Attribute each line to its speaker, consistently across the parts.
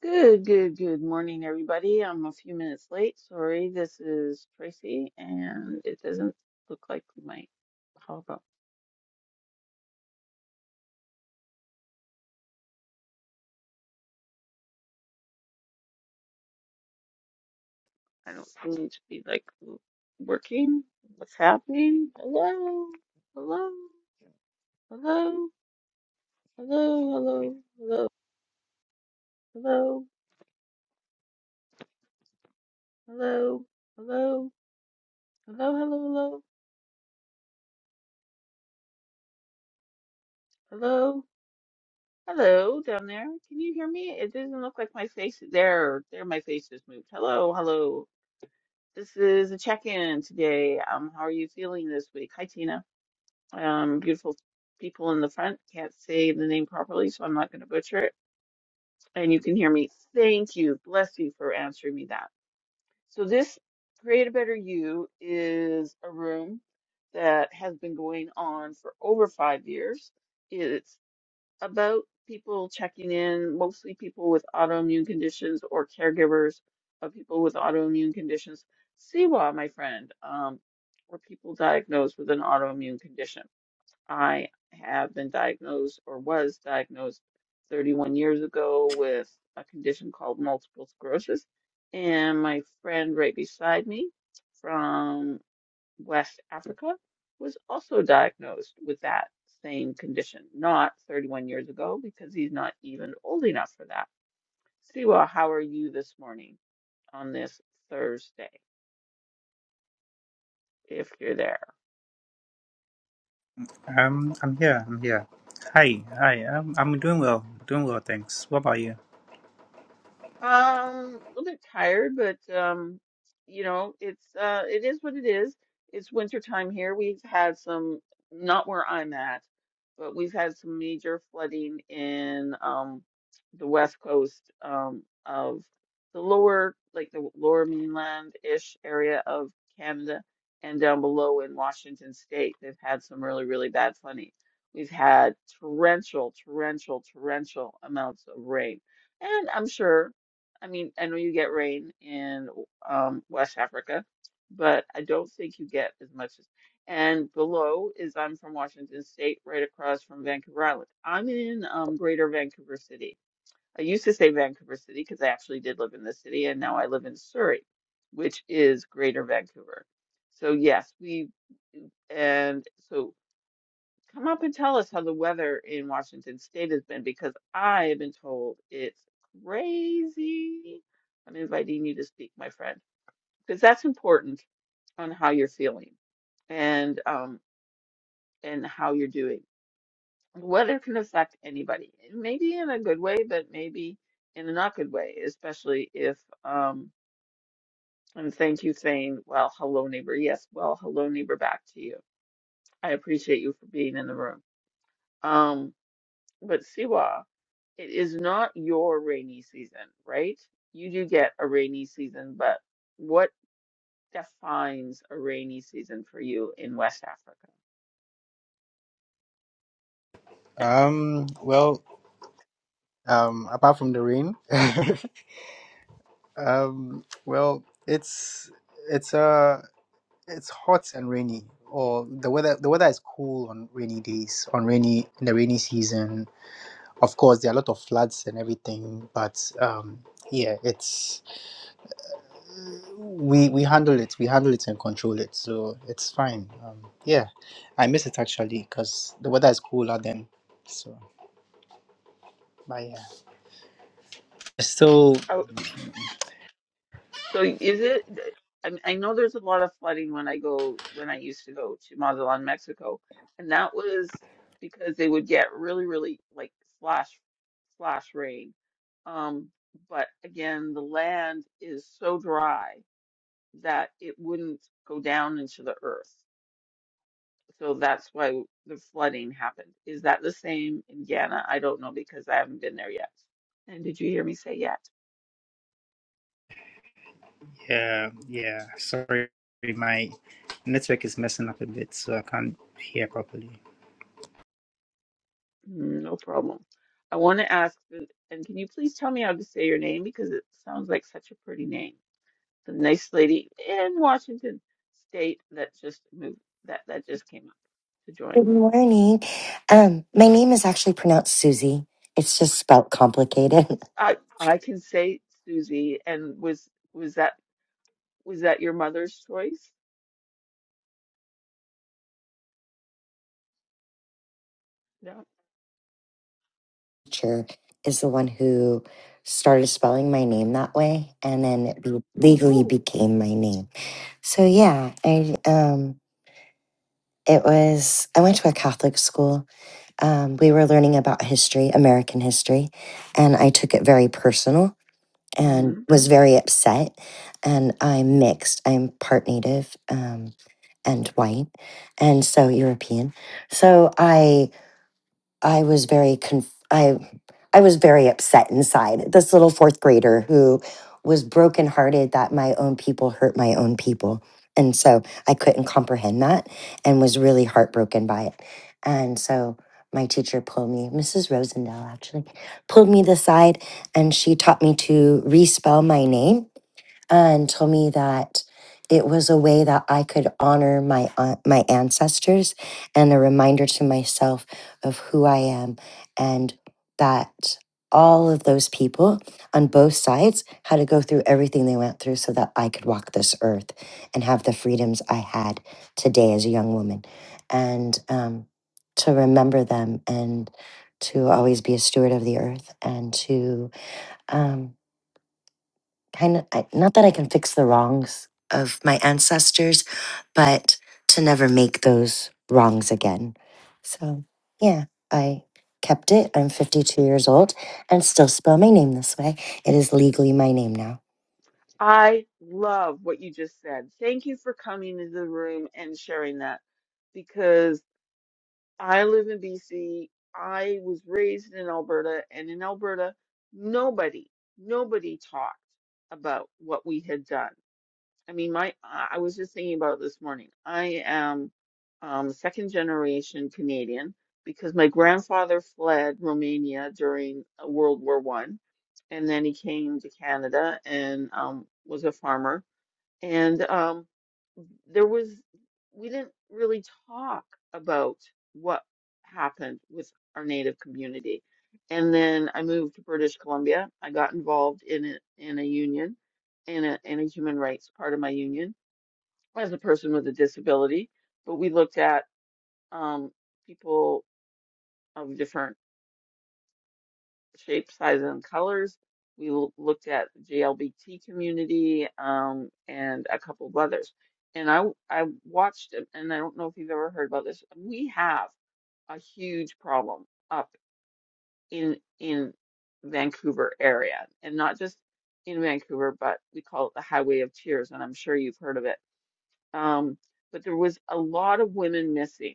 Speaker 1: Good, good, good morning, everybody. I'm a few minutes late. Sorry, this is Tracy, and it doesn't look like my how about I don't seem to be like w- working. What's happening? Hello, hello, hello, hello, hello, hello, hello, hello, hello, hello, hello, hello, hello, hello down there. Can you hear me? It doesn't look like my face. There, there, my face just moved. Hello, hello. This is a check-in today. Um, how are you feeling this week? Hi, Tina. Um, beautiful people in the front. Can't say the name properly, so I'm not going to butcher it. And you can hear me. Thank you. Bless you for answering me that. So this Create a Better You is a room that has been going on for over five years. It's about people checking in, mostly people with autoimmune conditions or caregivers of people with autoimmune conditions. CWA, my friend, um, or people diagnosed with an autoimmune condition. I have been diagnosed or was diagnosed 31 years ago with a condition called multiple sclerosis. And my friend right beside me from West Africa, was also diagnosed with that same condition, not 31 years ago, because he's not even old enough for that. Siwa, how are you this morning on this Thursday, if you're there?
Speaker 2: Um, I'm here. I'm here. Hi, hi. I'm I'm doing well. Doing well, thanks. What about you?
Speaker 1: Um, a little bit tired, but um, you know, it's uh it is what it is. It's winter time here. We've had some, not where I'm at, but we've had some major flooding in um the west coast um of the lower like the lower mainland-ish area of Canada and down below in Washington state. They've had some really, really bad flooding. We've had torrential, torrential, torrential amounts of rain. And I'm sure I mean, I know you get rain in um, West Africa, but I don't think you get as much as. And below is I'm from Washington State, right across from Vancouver Island. I'm in um, Greater Vancouver City. I used to say Vancouver City because I actually did live in the city, and now I live in Surrey, which is Greater Vancouver. So yes, we and so Come up and tell us how the weather in Washington State has been because I have been told it's crazy. I'm inviting you to speak, my friend, because that's important on how you're feeling and um and how you're doing. Weather can affect anybody, maybe in a good way, but maybe in a not good way, especially if um and thank you saying, well, hello neighbor. Yes, well, hello neighbor back to you. I appreciate you for being in the room. Um, but Siwa. It is not your rainy season, right? You do get a rainy season, but what defines a rainy season for you in West Africa?
Speaker 2: Um, well, um, apart from the rain, um, well, it's it's uh it's hot and rainy, or the weather the weather is cool on rainy days, on rainy in the rainy season. Of course, there are a lot of floods and everything, but um, yeah, it's we we handle it we handle it and control it so it's fine um yeah i miss it actually because the weather is cooler then so but yeah so
Speaker 1: Oh, so is it? I mean, I know there's a lot of flooding when I go when I used to go to Mazatlan, Mexico, and that was because they would get really, really like flash, flash rain. Um, but again, the land is so dry that it wouldn't go down into the earth. So that's why the flooding happened. Is that the same in Ghana? I don't know because I haven't been there yet. And did you hear me say yet?
Speaker 2: yeah yeah sorry my network is messing up a bit so i can't hear properly
Speaker 1: Mm, No problem. I want to ask, the- and can you please tell me how to say your name because it sounds like such a pretty name. The nice lady in Washington State that just moved, that that just came up to join.
Speaker 3: Good morning. Um, my name is actually pronounced Susie. It's just spelt complicated.
Speaker 1: I I can say Susie, and was was that was that your mother's choice? No.
Speaker 3: Teacher is the one who started spelling my name that way, and then it be- legally
Speaker 1: Oh.
Speaker 3: became my name. So yeah, I um, it was. I went to a Catholic school, um, we were learning about history, American history, and I took it very personal and was very upset. And I'm mixed. I'm part Native um, and white, and so European. So I I was very conf- I I was very upset inside. This little fourth grader who was brokenhearted that my own people hurt my own people. And so I couldn't comprehend that and was really heartbroken by it. And so my teacher pulled me, Mrs. Rosendale actually, pulled me to the side and she taught me to respell my name and told me that it was a way that I could honor my an- my ancestors and a reminder to myself of who I am and that all of those people on both sides had to go through everything they went through so that I could walk this earth and have the freedoms I had today as a young woman and um, to remember them and to always be a steward of the earth and to um, kind of I, not that I can fix the wrongs of my ancestors, but to never make those wrongs again. So, yeah, I kept it. I'm 52 years old and still spell my name this way. It is legally my name now.
Speaker 1: I love what you just said. Thank you for coming to the room and sharing that because I live in BC. I was raised in Alberta, and in Alberta, nobody, nobody talked about what we had done. I mean, my, I I was just thinking about it this morning. I am um, second generation Canadian because my grandfather fled Romania during uh, World War One, and then he came to Canada and um, was a farmer and um, there was we didn't really talk about what happened with our native community. And then I moved to British Columbia. I got involved in a, in a union, in a in a human rights part of my union as a person with a disability. But we looked at um, people of different shape, size, and colors. We l- looked at the JLBT community um, and a couple of others. And I w- I watched it, and I don't know if you've ever heard about this. We have a huge problem up in in Vancouver area, and not just in Vancouver, but we call it the Highway of Tears, and I'm sure you've heard of it. Um, but there was a lot of women missing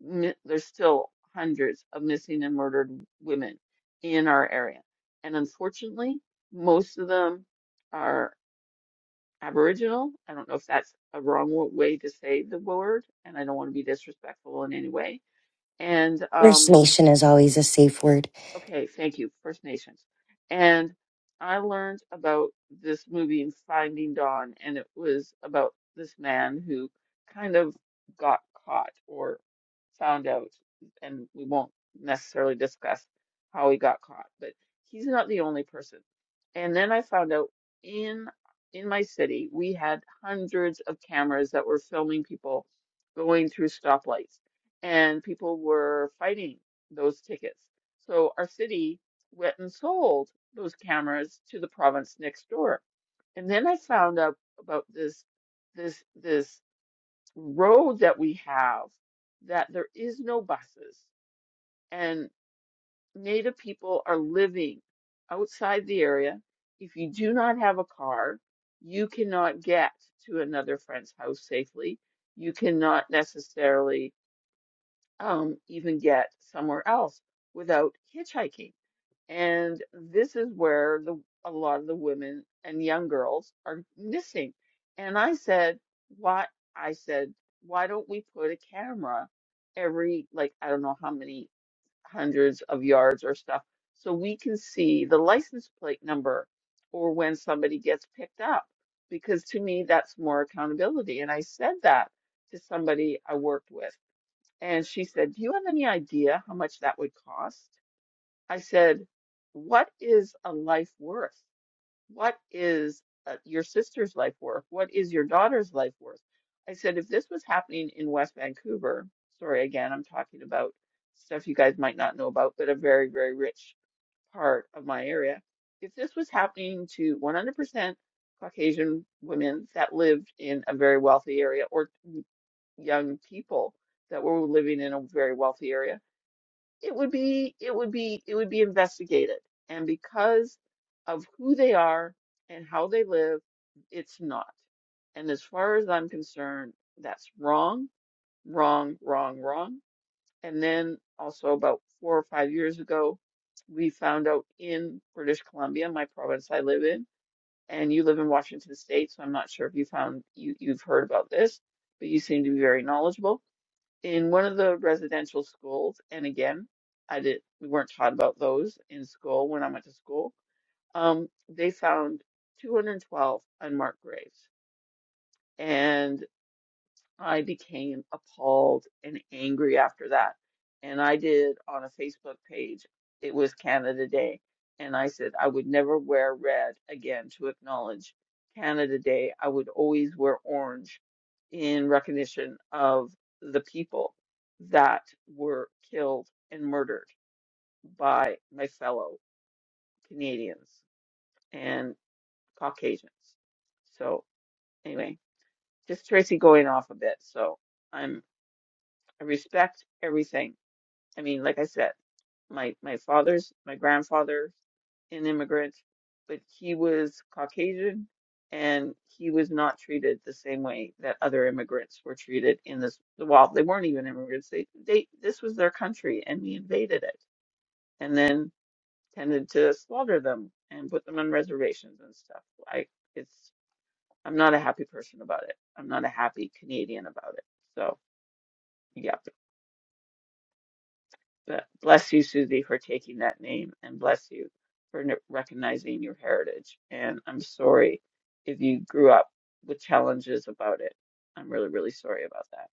Speaker 1: mi- there's still hundreds of missing and murdered women in our area. And unfortunately, most of them are Aboriginal. I don't know if that's a wrong wa- way to say the word, and I don't want to be disrespectful in any way. And um,
Speaker 3: First Nation is always a safe word.
Speaker 1: Okay, thank you, First Nations. And I learned about this movie Finding Dawn, and it was about this man who kind of got caught or found out, and we won't necessarily discuss how he got caught, but he's not the only person. And then I found out in in my city, we had hundreds of cameras that were filming people going through stoplights, and people were fighting those tickets so our city went and sold those cameras to the province next door. And then I found out about this this this road that we have that there is no buses and Native people are living outside the area. If you do not have a car, you cannot get to another friend's house safely. You cannot necessarily um, even get somewhere else without hitchhiking And this is where the a lot of the women and young girls are missing. And I said, why? I said, why don't we put a camera every, like, I don't know how many hundreds of yards or stuff, so we can see the license plate number or when somebody gets picked up? Because to me, that's more accountability. And I said that to somebody I worked with. And she said, Do you have any idea how much that would cost? I said, What is a life worth? What is uh, your sister's life worth? What is your daughter's life worth? I said, If this was happening in West Vancouver, sorry, again, I'm talking about stuff you guys might not know about, but a very, very rich part of my area. If this was happening to 100% Caucasian women that lived in a very wealthy area or young people that were living in a very wealthy area, it would be it would be it would be investigated and because of who they are and how they live it's not and as far as i'm concerned that's wrong wrong wrong wrong and then also about four or five years ago we found out in british columbia my province i live in and you live in washington state so i'm not sure if you found you you've heard about this but you seem to be very knowledgeable in one of the residential schools, and again, I did we weren't taught about those in school when I went to school. Um, they found 212 unmarked graves, and. I became appalled and angry after that. And I did on a Facebook page, it was Canada Day. And I said, I would never wear red again to acknowledge Canada Day. I would always wear orange in recognition of the people that were killed and murdered by my fellow Canadians and Caucasians. So, anyway, just Tracy going off a bit. So, I respect everything. I mean, like I said, my my father's my grandfather an immigrant, but he was Caucasian and he was not treated the same way that other immigrants were treated in this well they weren't even immigrants they they this was their country and we invaded it and then tended to slaughter them and put them on reservations and stuff I it's I'm not a happy person about it I'm not a happy Canadian about it so yeah But bless you, Susie, for taking that name, and bless you for n- recognizing your heritage. And I'm sorry if you grew up with challenges about it. I'm really, really sorry about that.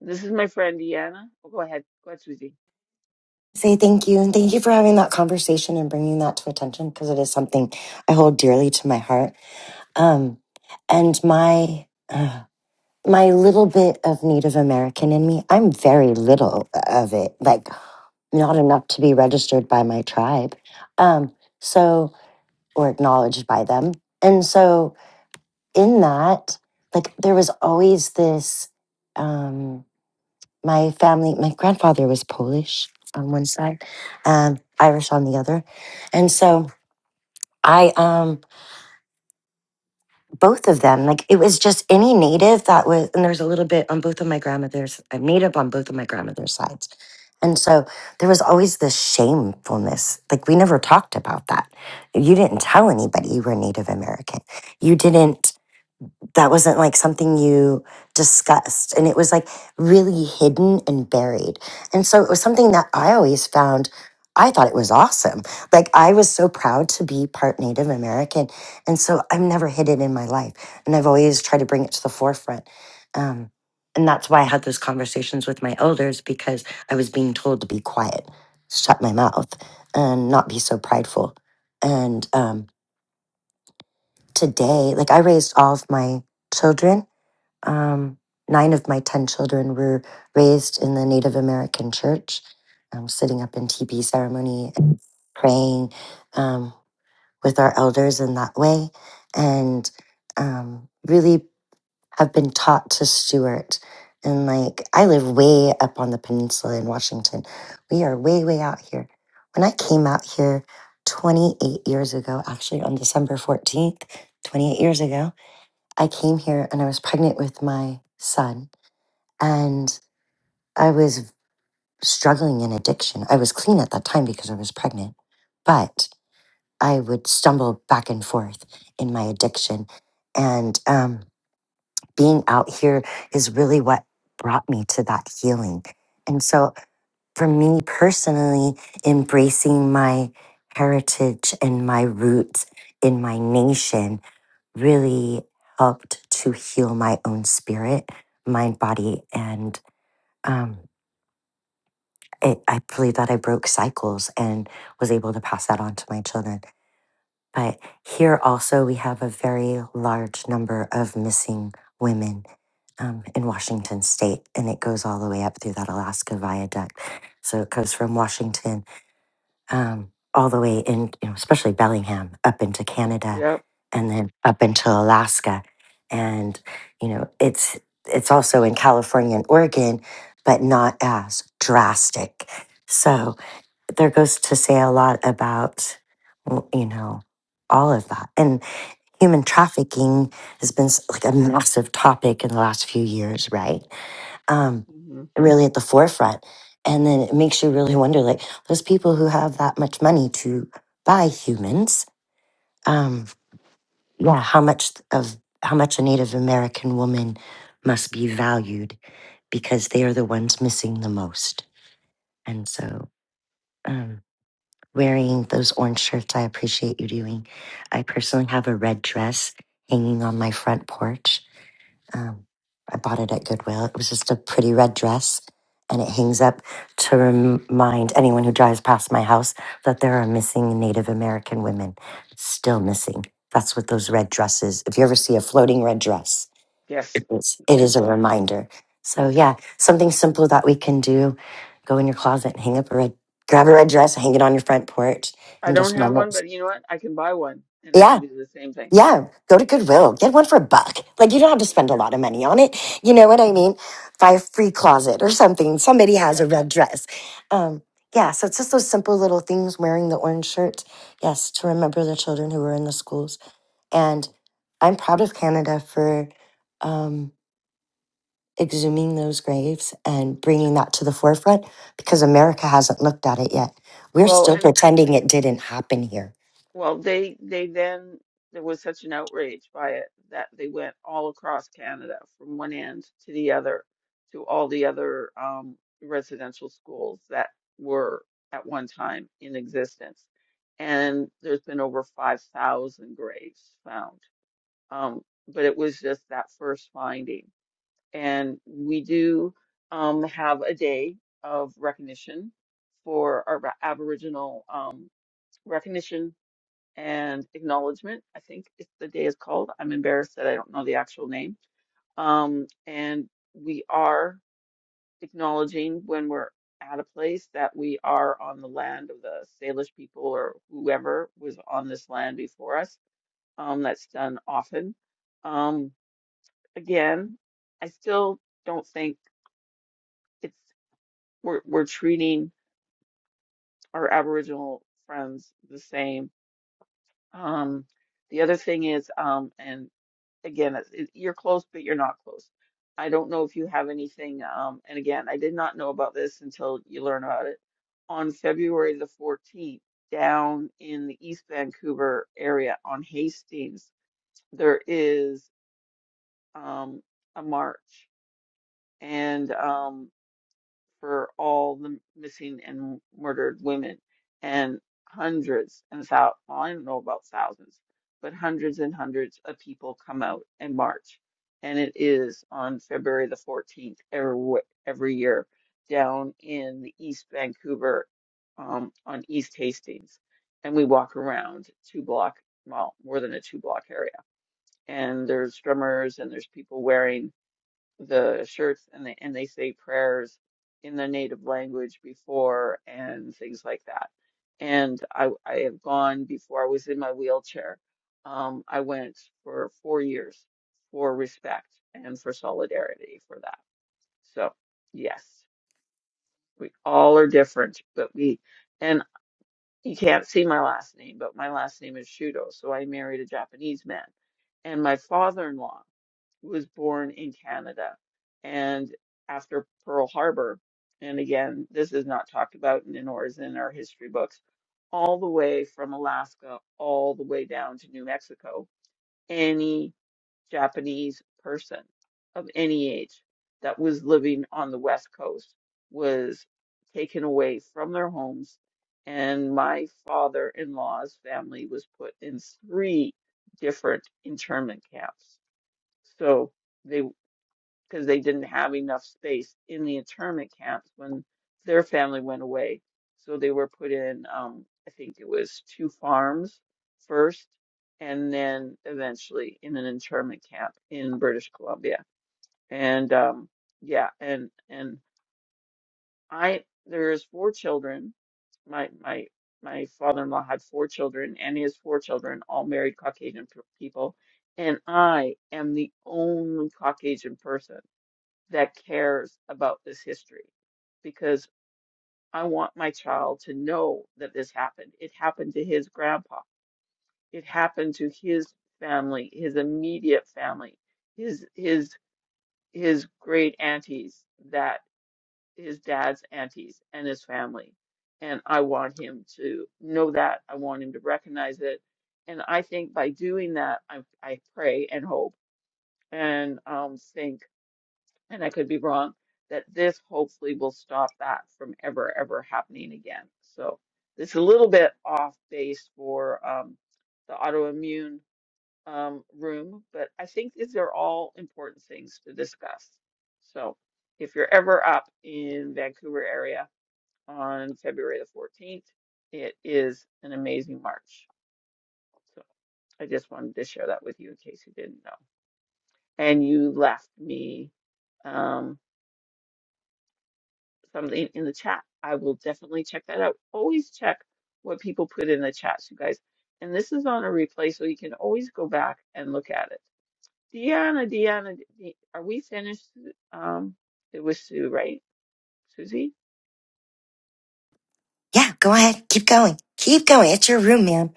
Speaker 1: This is my friend Deanna. Oh, go ahead. Go ahead, Susie.
Speaker 3: Say thank you and thank you for having that conversation and bringing that to attention because it is something I hold dearly to my heart. Um, and my uh, my little bit of Native American in me, I'm very little of it, like not enough to be registered by my tribe, um, so or acknowledged by them. And so in that, like there was always this. Um, my family, my grandfather was Polish on one side, um, Irish on the other, and so I um both of them. Like it was just any native that was, and there's a little bit on both of my grandmother's, I'm native on both of my grandmother's sides. And so there was always this shamefulness. Like we never talked about that. You didn't tell anybody you were Native American. You didn't that wasn't like something you discussed and it was like really hidden and buried and so it was something that i always found i thought it was awesome like i was so proud to be part native american and so i've never hid it in my life and i've always tried to bring it to the forefront um, and that's why i had those conversations with my elders because i was being told to be quiet shut my mouth and not be so prideful and um, today like i raised all of my children um, nine of my 10 children were raised in the Native American church, um, sitting up in TB ceremony and praying um, with our elders in that way, and um, really have been taught to steward. And like, I live way up on the peninsula in Washington. We are way, way out here. When I came out here 28 years ago, actually on December 14th, 28 years ago, I came here and I was pregnant with my son and I was struggling in addiction. I was clean at that time because I was pregnant, but I would stumble back and forth in my addiction. And um, being out here is really what brought me to that healing. And so, for me personally, embracing my heritage and my roots in my nation really helped to heal my own spirit, mind, body, and. um, it, I believe that I broke cycles and was able to pass that on to my children. But here also, we have a very large number of missing women um, in Washington state, and it goes all the way up through that Alaska viaduct. So it goes from Washington um, all the way in, you know, especially Bellingham, up into Canada,
Speaker 1: Yep.
Speaker 3: and then up into Alaska. And you know, it's it's also in California and Oregon, but not as drastic. So but there goes to say a lot about w- you know all of that and human trafficking has been s- like a massive topic in the last few years right um
Speaker 1: hmm
Speaker 3: really at the forefront and then it makes you really wonder like those people who have that much money to buy humans um yeah how much of how much a native american woman must be valued because they are the ones missing the most and so um, wearing those orange shirts. I appreciate you doing. I personally have a red dress hanging on my front porch. Um, I bought it at Goodwill. It was just a pretty red dress, and it hangs up to remind anyone who drives past my house that there are missing Native American women still missing. That's what those red dresses. If you ever see a floating red dress,
Speaker 1: Yes.
Speaker 3: it's, it is
Speaker 1: Yes.
Speaker 3: a reminder. So yeah, something simple that we can do. Go in your closet, and hang up a red, grab a red dress, hang it on your front porch
Speaker 1: I
Speaker 3: in
Speaker 1: don't
Speaker 3: just
Speaker 1: have one,
Speaker 3: moments.
Speaker 1: but you know what? I can buy one, and I can
Speaker 3: Yeah.
Speaker 1: do the same thing.
Speaker 3: Yeah. Go to Goodwill. Get one for a buck. Like you don't have to
Speaker 1: Yeah.
Speaker 3: spend a lot of money on it. You know what I mean? Buy a free closet or something. Somebody has
Speaker 1: Yeah.
Speaker 3: a red dress. Um, yeah. So it's just those simple little things, wearing the orange shirt. Yes. To remember the children who were in the schools. And I'm proud of Canada for, um, exhuming those graves and bringing that to the forefront because America hasn't looked at it yet. We're
Speaker 1: Well,
Speaker 3: still
Speaker 1: and
Speaker 3: pretending it didn't happen here.
Speaker 1: Well, they they then there was such an outrage by it that they went all across Canada from one end to the other to all the other um, residential schools that were at one time in existence. And there's been over 5,000 graves found. Um, but it was just that first finding. And we do um, have a day of recognition for our Aboriginal um, recognition and acknowledgement. I think it's the day is called. I'm embarrassed that I don't know the actual name. Um, and we are acknowledging when we're at a place that we are on the land of the Salish people or whoever was on this land before us. Um, that's done often. Um, again, I still don't think it's we're we're treating our Aboriginal friends the same. Um, the other thing is, um, and again, it's- it, you're close, but you're not close. I don't know if you have anything. Um, and again, I did not know about this until you learn about it. On February the 14th, down in the East Vancouver area on Hastings, there is um, a march. And um, for all the missing and murdered women and hundreds and thou well, I don't know about thousands, but hundreds and hundreds of people come out and march. And it is on February the 14th every, w- every year down in the East Vancouver um, on East Hastings. And we walk around two block, well, more than a two block area. And there's drummers and there's people wearing the shirts and they and they say prayers in their native language before and things like that. And I I have gone before I was in my wheelchair. Um, I went for four years for respect and for solidarity for that. So yes, we all are different, but we and you can't see my last name, but my last name is Shudo, so I married a Japanese man. And my father-in-law was born in Canada and after Pearl Harbor. And again, this is not talked about in or is in our history books, all the way from Alaska all the way down to New Mexico. Any Japanese person of any age that was living on the West Coast was taken away from their homes. And my father in law's family was put in three different internment camps. So, they because they didn't have enough space in the internment camps when their family went away. So they were put in, um, I think it was two farms first, and then eventually in an internment camp in British Columbia. And um, yeah, and and I there's four children. My my my father-in-law had four children, and his four children all married Caucasian p- people, and I am the only Caucasian person that cares about this history because I want my child to know that this happened. It happened to his grandpa. It happened to his family, his immediate family, his his his great aunties, that his dad's aunties and his family. And I want him to know that. I want him to recognize it. And I think by doing that, I I pray and hope and um think and I could be wrong, that this hopefully will stop that from ever, ever happening again. So this is a little bit off base for um, the autoimmune um, room, but I think these are all important things to discuss. So if you're ever up in Vancouver area on February the 14th, it is an amazing march. So I just wanted to share that with you in case you didn't know. And you left me. Um, something in the chat. I will definitely check that out. Always check what people put in the chats, you guys. And this is on a replay, so you can always go back and look at it. Deanna, Deanna, De- are we finished? Um, it was Sue, right? Susie?
Speaker 3: Yeah, go ahead. Keep going. Keep going. It's your room, ma'am.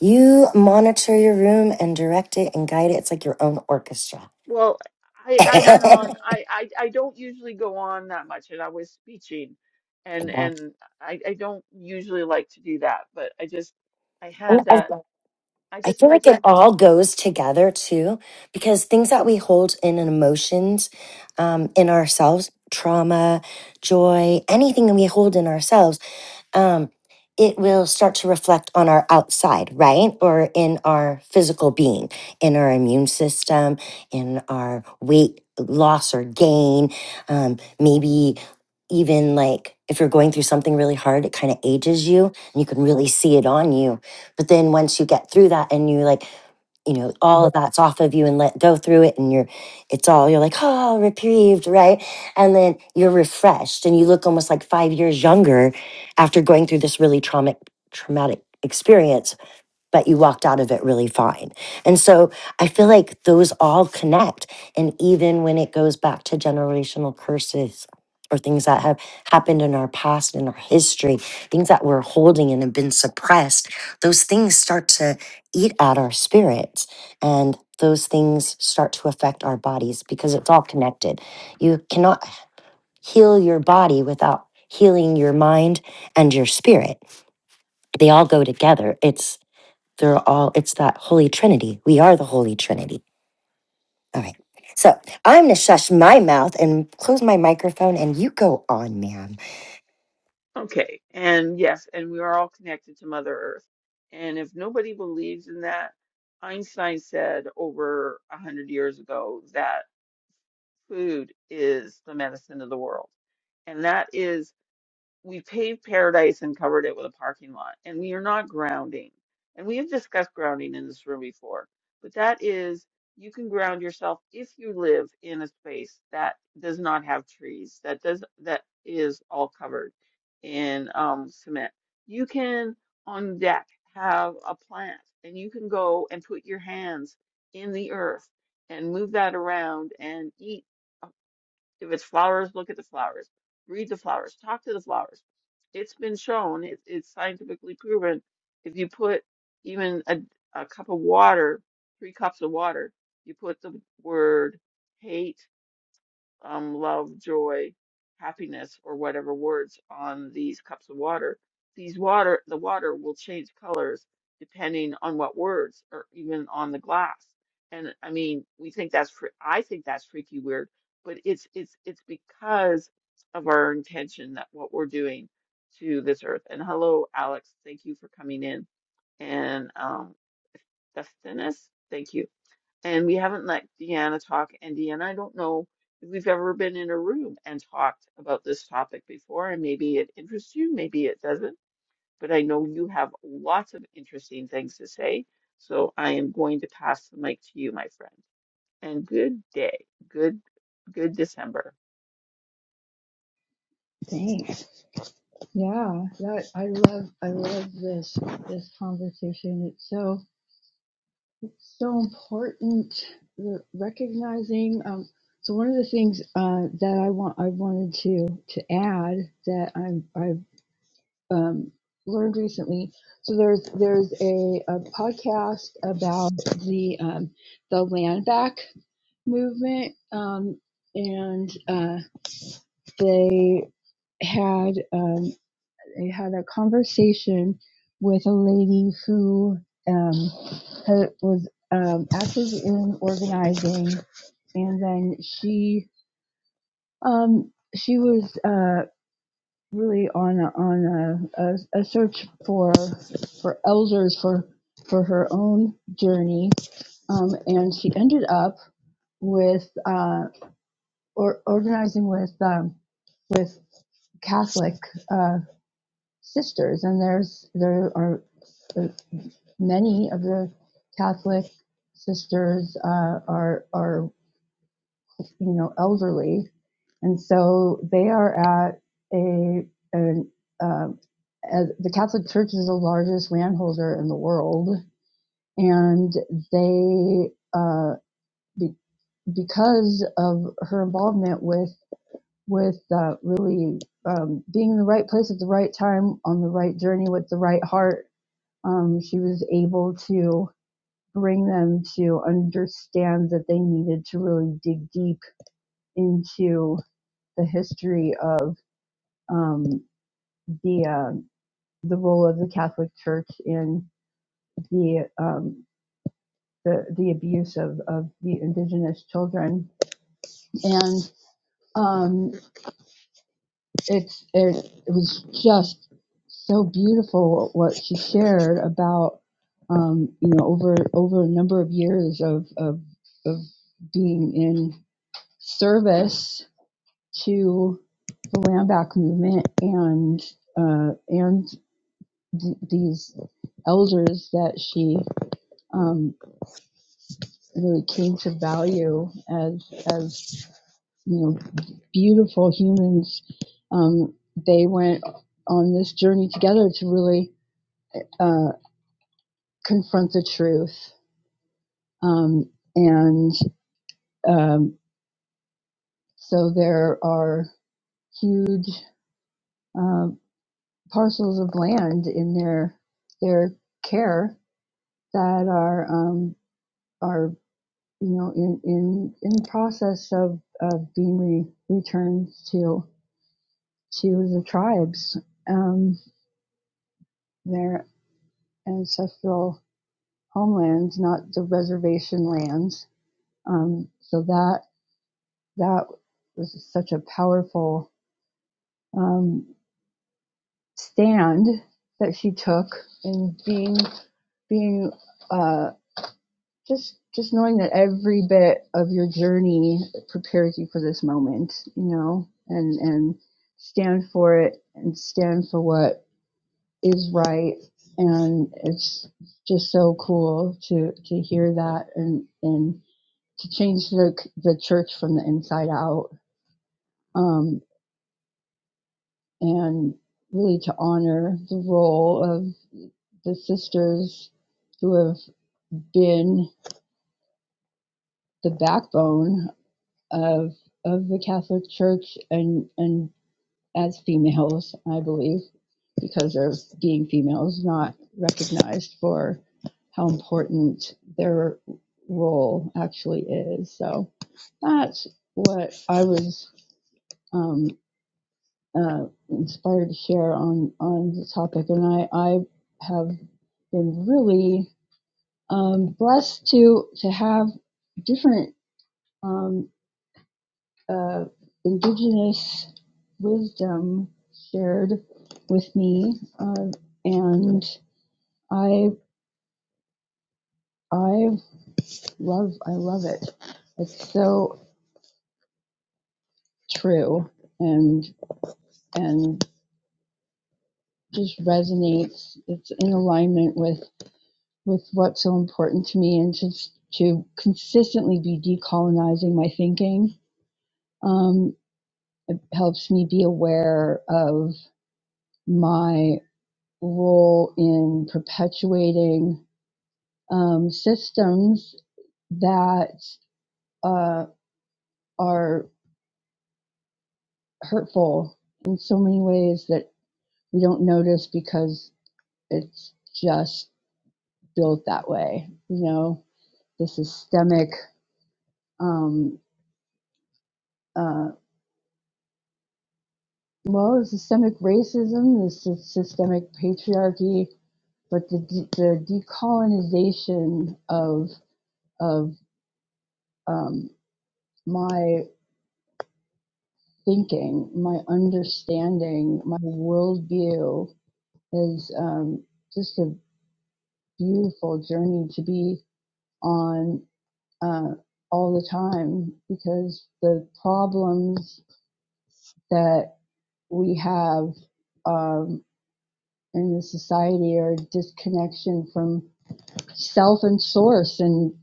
Speaker 3: You monitor your room and direct it and guide it. It's like your own orchestra.
Speaker 1: Well, I I went on. I I I don't usually go on that much, and I was speaking, and
Speaker 3: Yeah.
Speaker 1: and I I don't usually like to do that, but I just I
Speaker 3: And
Speaker 1: had that.
Speaker 3: I
Speaker 1: I
Speaker 3: I
Speaker 1: just
Speaker 3: feel
Speaker 1: I
Speaker 3: like
Speaker 1: just
Speaker 3: it all goes together too, because things that we hold in and emotions um, in ourselves, trauma, joy, anything that we hold in ourselves um, it will start to reflect on our outside, right? Or in our physical being, in our immune system, in our weight loss or gain, um, maybe even like if you're going through something really hard it kind of ages you and you can really see it on you but then once you get through that and you like you know all of that's off of you and let go through it and you're it's all you're like oh reprieved right and then you're refreshed and you look almost like five years younger after going through this really traumatic traumatic experience but you walked out of it really fine. And so I feel like those all connect. And even when it goes back to generational curses or things that have happened in our past, in our history, things that we're holding and have been suppressed, those things start to eat at our spirits. And those things start to affect our bodies because it's all connected. You cannot heal your body without healing your mind and your spirit. They all go together. It's they're all, it's that Holy Trinity. We are the Holy Trinity. All right. So I'm going to shush my mouth and close my microphone and you go on, ma'am.
Speaker 1: Okay, and yes, and we are all connected to Mother Earth. And if nobody believes in that, Einstein said over a hundred years ago that food is the medicine of the world. And that is we paved paradise and covered it with a parking lot, and we are not grounding. And we have discussed grounding in this room before, but that is you can ground yourself if you live in a space that does not have trees, that does that is all covered in um, cement. You can on deck have a plant, and you can go and put your hands in the earth and move that around and eat. If it's flowers, look at the flowers, read the flowers, talk to the flowers. It's been shown, it, it's scientifically proven. If you put even a, a cup of water, three cups of water, you put the word hate um, love, joy, happiness, or whatever words on these cups of water, these water, the water will change colors depending on what words or even on the glass. And I mean, we think that's, fr- I think that's freaky weird, but it's, it's, it's because of our intention that what we're doing to this earth. And hello, Alex. Thank you for coming in. And, um, Dustinus, thank you and we haven't let Deanna talk. And Deanna, I don't know if we've ever been in a room and talked about this topic before, and maybe it interests you, maybe it doesn't, but I know you have lots of interesting things to say. So I am going to pass the mic to you, my friend. And good day. Good, good December.
Speaker 4: Thanks. Yeah, that I love. I love this this conversation. It's so so important. re- Recognizing. Um, so one of the things uh, that I want I wanted to to add that I'm I've um, learned recently. So there's there's a, a podcast about the um, the land back movement, um, and uh, they had. um, I had a conversation with a lady who um, was um, active in organizing, and then she um, she was uh, really on a, on a, a, a search for for elders for for her own journey, um, and she ended up with uh, or organizing with um, with Catholic uh, sisters, and there's there are uh, many of the Catholic sisters uh, are are you know elderly, and so they are at a an um, uh, as the Catholic Church is the largest landholder in the world, and they uh, be, because of her involvement with with uh, really um, being in the right place at the right time on the right journey with the right heart, um, she was able to. bring them to understand that they needed to really dig deep into the history of um, the uh, the role of the Catholic Church in the um, the, the abuse of, of the indigenous children and um, it's it, it was just so beautiful what she shared about um, you know over over a number of years of of, of being in service to the Land Back movement and uh, and th- these elders that she um, really came to value as as you know beautiful humans. Um, they went on this journey together to really uh, confront the truth, um, and um, so there are huge uh, parcels of land in their their care that are um, are you know in in in process of of being re- returned to to the tribes um, their ancestral homelands, not the reservation lands. Um, so that that was such a powerful um, stand that she took in being being. Uh, just just knowing that every bit of your journey prepares you for this moment you know and and stand for it and stand for what is right and it's just so cool to to hear that and and to change the the church from the inside out um and really to honor the role of the sisters who have been the backbone of of the Catholic Church and and as females, I believe, because of being females, not recognized for how important their role actually is. So that's what I was um, uh, inspired to share on on the topic, and I I have been really um, blessed to to have different. Um, uh, indigenous wisdom shared with me, uh, and I I love I love it. It's so true and and just resonates. It's in alignment with with what's so important to me, and just to consistently be decolonizing my thinking. Um, it helps me be aware of my role in perpetuating um, systems that uh, are hurtful in so many ways that we don't notice because it's just built that way. You know, the systemic, um, uh, well, the systemic racism, the systemic patriarchy, but the, de- the decolonization of of um, my thinking, my understanding, my worldview is um, just a beautiful journey to be on uh, all the time because the problems that we have um, in the society are disconnection from self and source and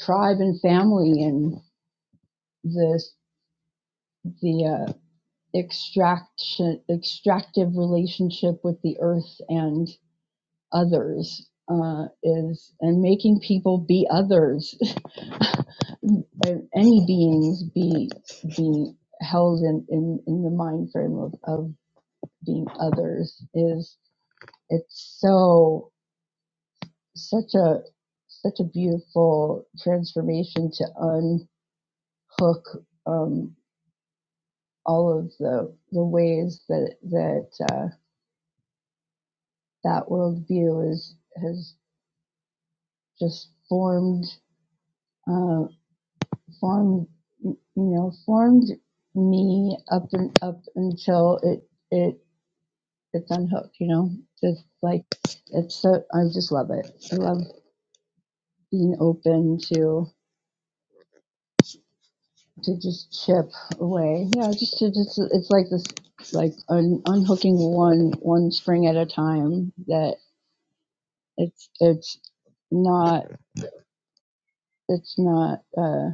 Speaker 4: tribe and family and the the uh, extraction extractive relationship with the earth and others uh, is and making people be others by any beings be being held in, in, in the mind frame of, of being others is it's so such a such a beautiful transformation to unhook um, all of the the ways that that uh, that worldview is has just formed uh, formed you know formed me up and up until it it it's unhooked, you know, just like it's so, I just love it. I love being open to, to just chip away. Yeah, just to just, it's like this, like un, unhooking one, one spring at a time that it's, it's not, it's not, uh,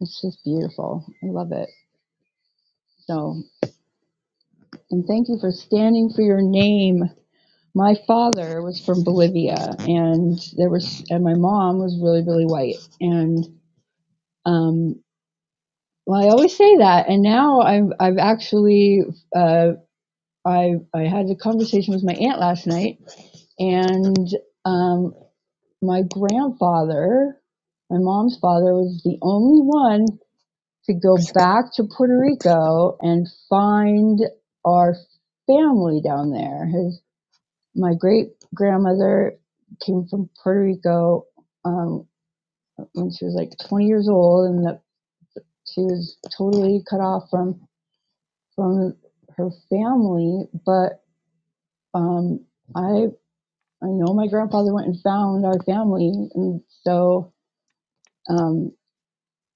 Speaker 4: it's just beautiful. I love it. So, and thank you for standing for your name. My father was from Bolivia, and there was, and my mom was really, really white, and um, Well, I always say that, and now I've I've actually uh, I I had a conversation with my aunt last night, and um, my grandfather, my mom's father, was the only one to go back to Puerto Rico and find our family down there. His my great grandmother came from Puerto Rico um, when she was like 20 years old, and that she was totally cut off from from her family, but um, I I know my grandfather went and found our family, and so um,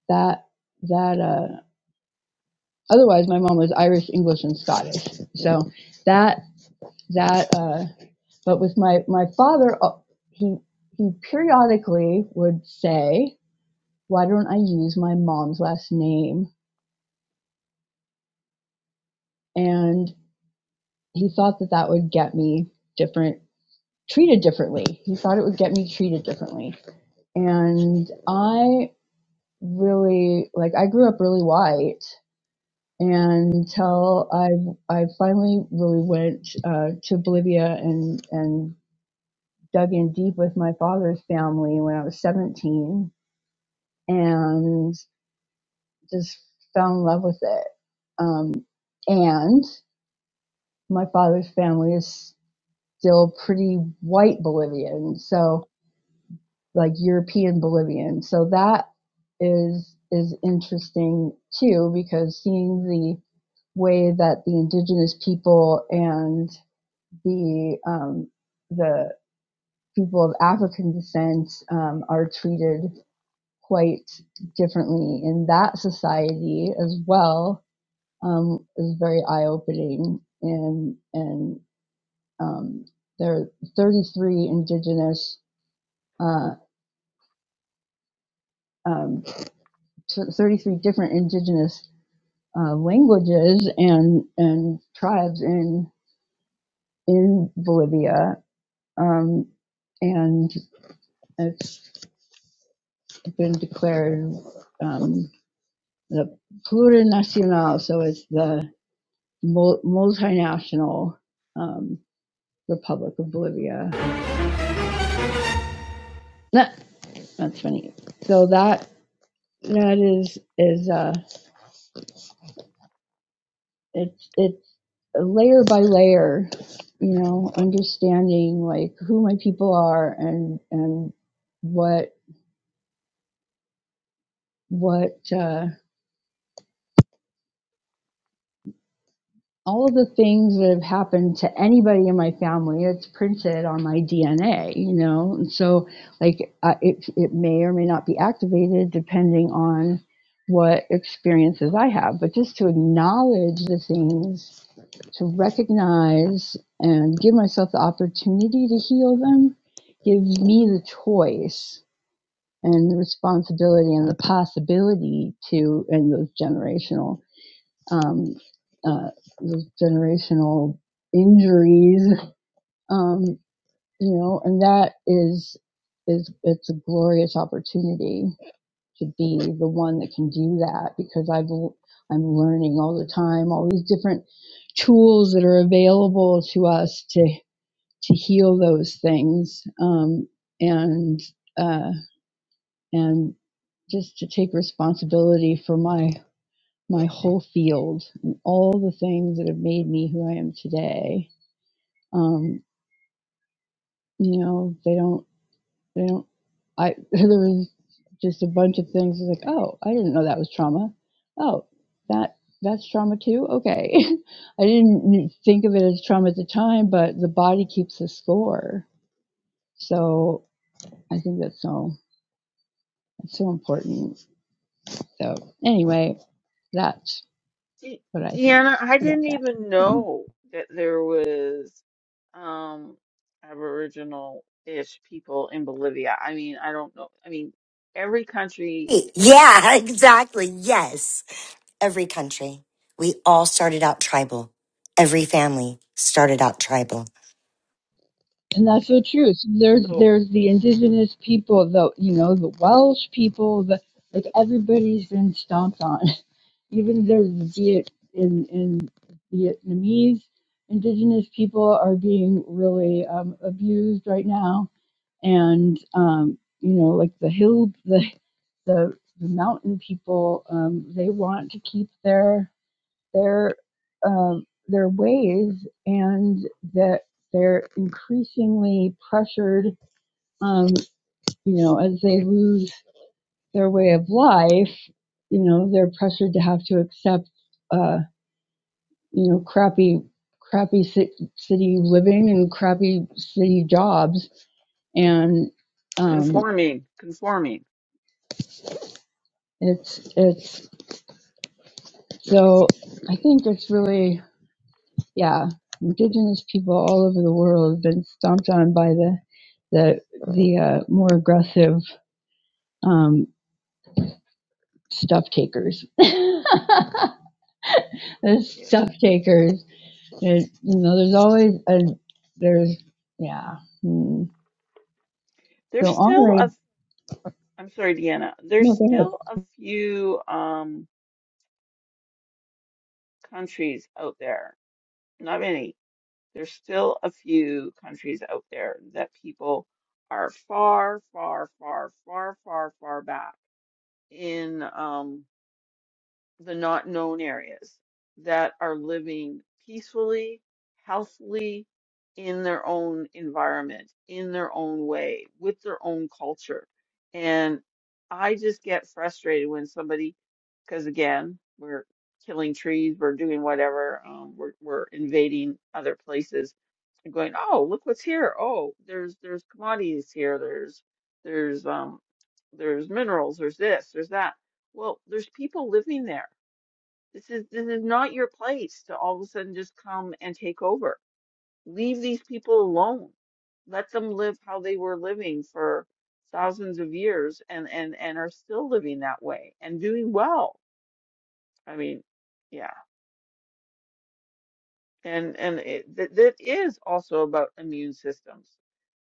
Speaker 4: that that uh, otherwise my mom was Irish, English, and Scottish. So that that uh, but with my my father, uh, he he periodically would say, "Why don't I use my mom's last name?" And he thought that that would get me different treated differently. He thought it would get me treated differently And I really like I grew up really white until I I finally really went uh, to Bolivia and and dug in deep with my father's family when I was 17 and just fell in love with it. Um, and my father's family is still pretty white Bolivian, so like European Bolivian. So that is is interesting too because seeing the way that the indigenous people and the um, the people of African descent um, are treated quite differently in that society as well um, is very eye opening and and um, there are 33 indigenous uh, um, to 33 different indigenous uh, languages and and tribes in in Bolivia, um, and it's been declared um, the plurinacional, so it's the mul- multinational um, Republic of Bolivia. That, that's funny. So that that is is. uh, it's it's layer by layer, you know, understanding like who my people are and and what what uh, all of the things that have happened to anybody in my family it's printed on my dna you know and so like uh, it, it may or may not be activated depending on what experiences i have but just to acknowledge the things to recognize and give myself the opportunity to heal them gives me the choice and the responsibility and the possibility to and those generational um, uh, those generational injuries, um, you know, and that is is it's a glorious opportunity to be the one that can do that because I've I'm learning all the time all these different tools that are available to us to to heal those things um, and uh, and just to take responsibility for my my whole field and all the things that have made me who I am today. Um, you know, they don't, they don't, I, there was just a bunch of things that's like, oh, I didn't know that was trauma. Oh, that, that's trauma too? Okay. I didn't think of it as trauma at the time, but the body keeps the score. So I think that's so, that's so important. So anyway, that's
Speaker 1: De
Speaker 4: what I think
Speaker 1: Deanna, I
Speaker 4: about that.
Speaker 1: didn't even know that there was um Aboriginal-ish people in Bolivia. I mean, I don't know. I mean, every country
Speaker 3: Yeah, exactly. Yes. Every country, we all started out tribal. Every family started out tribal.
Speaker 4: And that's so true. So there's
Speaker 1: So
Speaker 4: there's the indigenous people, the you know the Welsh people, the like everybody's been stomped on. Even there's Viet in in Vietnamese indigenous people are being really um, abused right now, and um, you know like the hill the the, the mountain people um, they want to keep their their um, their ways, and that they're increasingly pressured. Um, you know, as they lose their way of life, you know, they're pressured to have to accept, uh, you know, crappy crappy ci- city living and crappy city jobs, and um,
Speaker 1: conforming, conforming.
Speaker 4: it's it's so I think it's really yeah, indigenous people all over the world have been stomped on by the the the uh, more aggressive um, stuff takers. the
Speaker 1: Yeah.
Speaker 4: stuff takers, there's, you know, there's always a there's yeah. Hmm.
Speaker 1: There's
Speaker 4: So
Speaker 1: still
Speaker 4: Henri,
Speaker 1: a, I'm sorry, Deanna, there's
Speaker 4: no, go ahead.
Speaker 1: still a few um countries out there, not many. There's still a few countries out there that people are far, far, far, far, far, far back in. Um, the not known areas that are living peacefully, healthily in their own environment, in their own way, with their own culture. And I just get frustrated when somebody, because again, we're killing trees, we're doing whatever, um, we're, we're invading other places and going, oh, look what's here. Oh, there's there's commodities here. There's there's um there's minerals. There's this. There's that. Well, there's people living there this is this is not your place to all of a sudden just come and take over. Leave these people alone. Let them live how they were living for thousands of years and and and are still living that way and doing well. I mean, yeah. And and it, that that is also about immune systems.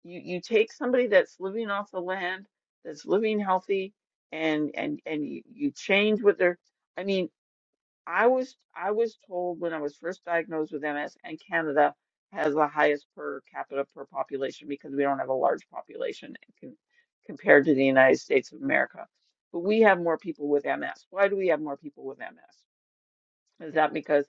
Speaker 1: You you take somebody that's living off the land, that's living healthy, and and and you, you change what they're. I mean. I was I was told when I was first diagnosed with MS, and Canada has the highest per capita per population because we don't have a large population con- compared to the United States of America. But we have more people with MS. Why do we have more people with MS? Is that because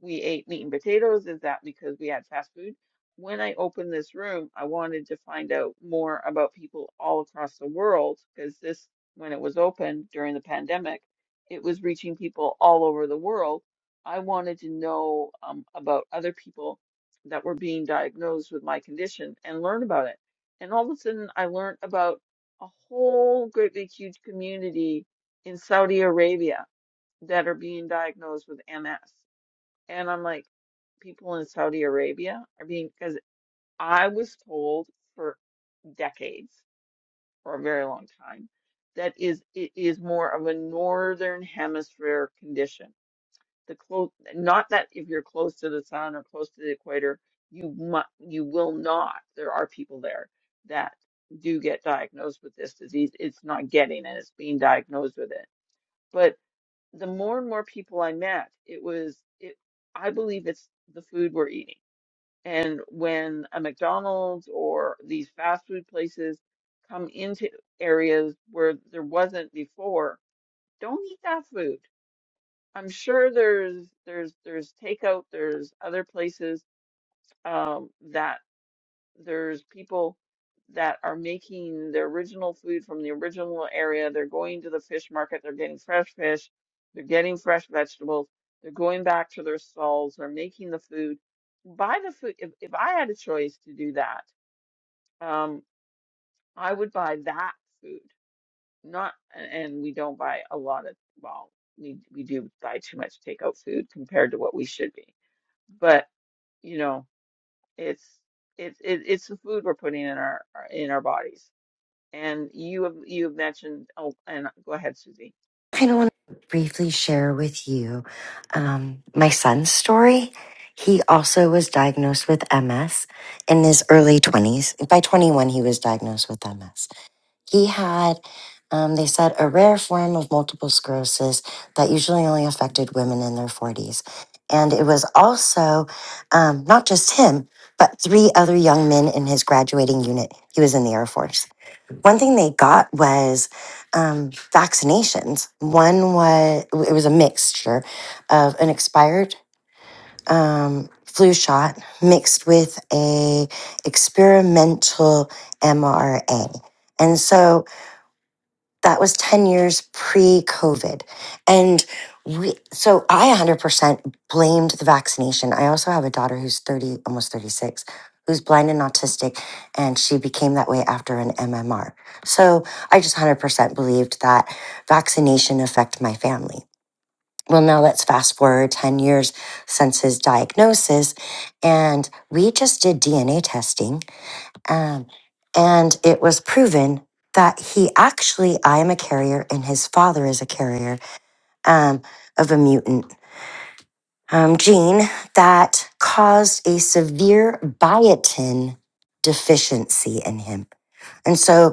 Speaker 1: we ate meat and potatoes? Is that because we had fast food? When I opened this room, I wanted to find out more about people all across the world because this, when it was opened during the pandemic, it was reaching people all over the world. I wanted to know um, about other people that were being diagnosed with my condition and learn about it. And all of a sudden, I learned about a whole great big huge community in Saudi Arabia that are being diagnosed with MS and I'm like, people in Saudi Arabia are being, because I was told for decades, for a very long time, that is it is more of a northern hemisphere condition. The close, not that if you're close to the sun or close to the equator, you mu you will not. There are people there that do get diagnosed with this disease. It's not getting it; it's being diagnosed with it. But the more and more people I met, it was it. I believe it's the food we're eating and when a McDonald's or these fast food places come into areas where there wasn't before, don't eat that food. I'm sure there's there's there's takeout, there's other places um, that there's people that are making the original food from the original area. They're going to the fish market, they're getting fresh fish, they're getting fresh vegetables, they're going back to their stalls, they're making the food. Buy the food. If, if I had a choice to do that, um, I would buy that food. Not, and we don't buy a lot of, well, we we do buy too much takeout food compared to what we should be. But, you know, it's it's it, it's the food we're putting in our in our bodies And you have you have mentioned oh and go ahead, Susie.
Speaker 3: I don't want to briefly share with you um, my son's story. He also was diagnosed with MS in his early 20s. By 21, he was diagnosed with MS. He had, um, they said, a rare form of multiple sclerosis that usually only affected women in their 40s. And it was also um, not just him, but three other young men in his graduating unit. He was in the Air Force. One thing they got was um, vaccinations. One was, it was a mixture of an expired um, flu shot mixed with a experimental MRA. And so that was 10 years pre-covid and we so i 100% blamed the vaccination i also have a daughter who's 30 almost 36 who's blind and autistic and she became that way after an mmr so i just 100% believed that vaccination affect my family well now let's fast forward 10 years since his diagnosis and we just did dna testing um, and it was proven that he actually, I am a carrier and his father is a carrier um, of a mutant um, gene that caused a severe biotin deficiency in him. And so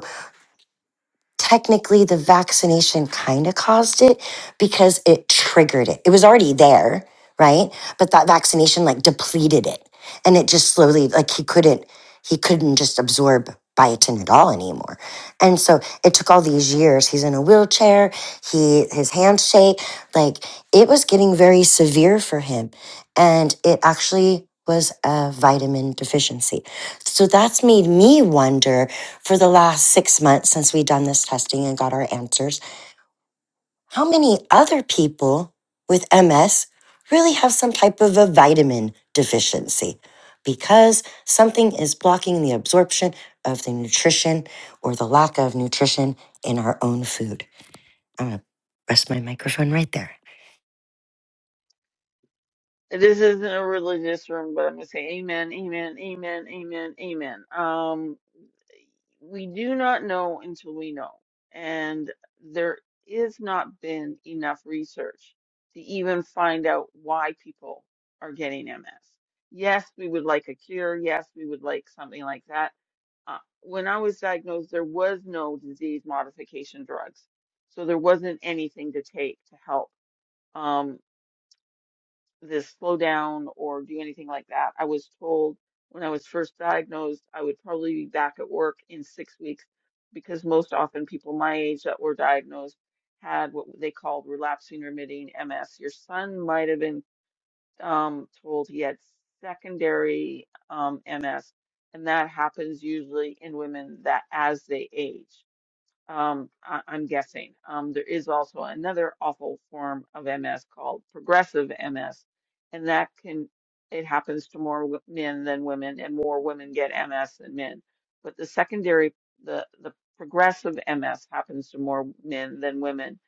Speaker 3: technically the vaccination kind of caused it because it triggered it. It was already there, right? But that vaccination like depleted it. And it just slowly like he couldn't he couldn't just absorb biotin at all anymore. And so it took all these years. He's in a wheelchair, he his hands shake, like it was getting very severe for him. And it actually was a vitamin deficiency. So that's made me wonder for the last six months since we've done this testing and got our answers. How many other people with MS really have some type of a vitamin deficiency? Because something is blocking the absorption of the nutrition or the lack of nutrition in our own food. I'm going to rest my microphone right there.
Speaker 1: This isn't a religious room, but I'm gonna say amen, amen, amen, amen, amen. Um we do not know until we know. And there is not been enough research to even find out why people are getting MS. Yes, we would like a cure. Yes, we would like something like that uh, when I was diagnosed, there was no disease modification drugs. So there wasn't anything to take to help um, this slow down or do anything like that. I was told when I was first diagnosed, I would probably be back at work in six weeks because most often people my age that were diagnosed had what they called relapsing remitting MS. Your son might have been um, told he had secondary um, MS, and that happens usually in women that as they age. Um, I, I'm guessing. Um, there is also another awful form of MS called progressive MS, and that can it happens to more w- men than women, and more women get MS than men. But the secondary, the the progressive MS happens to more men than women,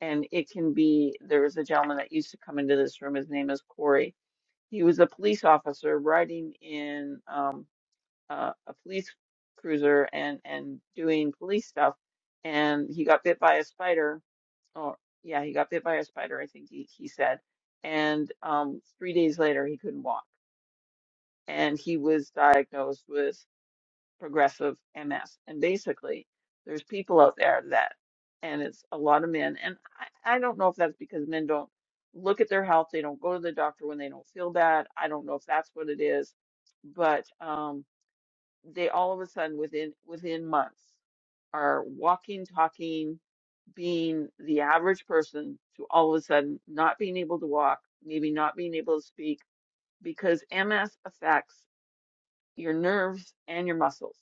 Speaker 1: and it can be. There was a gentleman that used to come into this room. His name is Corey he was a police officer riding in um, uh, a police cruiser and and doing police stuff, and he got bit by a spider. Or yeah, he got bit by a spider. I think he he said, and um, three days later he couldn't walk, and he was diagnosed with progressive MS. And basically, there's people out there that, and it's a lot of men. And I, I don't know if that's because men don't look at their health, they don't go to the doctor when they don't feel bad. I don't know if that's what it is, but um, they all of a sudden within within months are walking, talking, being the average person to all of a sudden not being able to walk, maybe not being able to speak because MS affects your nerves and your muscles.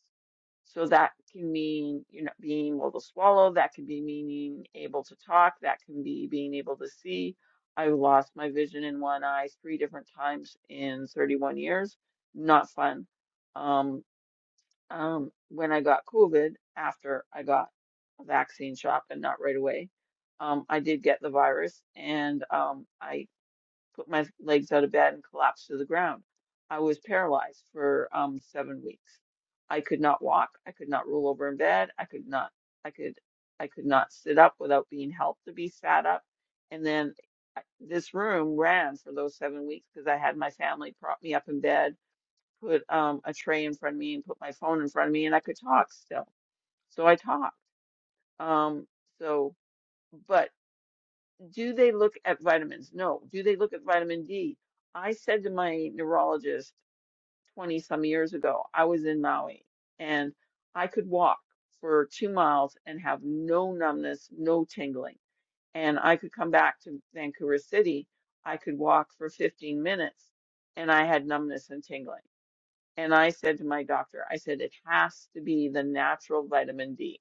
Speaker 1: So that can mean, you know, being able to swallow. That can be meaning able to talk. That can be being able to see. I lost my vision in one eye three different times in 31 years. Not fun. Um, um, when I got COVID, after I got a vaccine shot, but not right away, um, I did get the virus, and um, I put my legs out of bed and collapsed to the ground. I was paralyzed for um, seven weeks. I could not walk. I could not roll over in bed. I could not. I could. I could not sit up without being helped to be sat up. And then I- this room ran for those seven weeks because I had my family prop me up in bed, put um, a tray in front of me, and put my phone in front of me, and I could talk still. So I talked. Um, so, but do they look at vitamins? No. Do they look at vitamin D? I said to my neurologist 20 some years ago, I was in Maui and I could walk for two miles and have no numbness, no tingling. And I could come back to Vancouver City. I could walk for 15 minutes and I had numbness and tingling. And I said to my doctor, I said, it has to be the natural vitamin D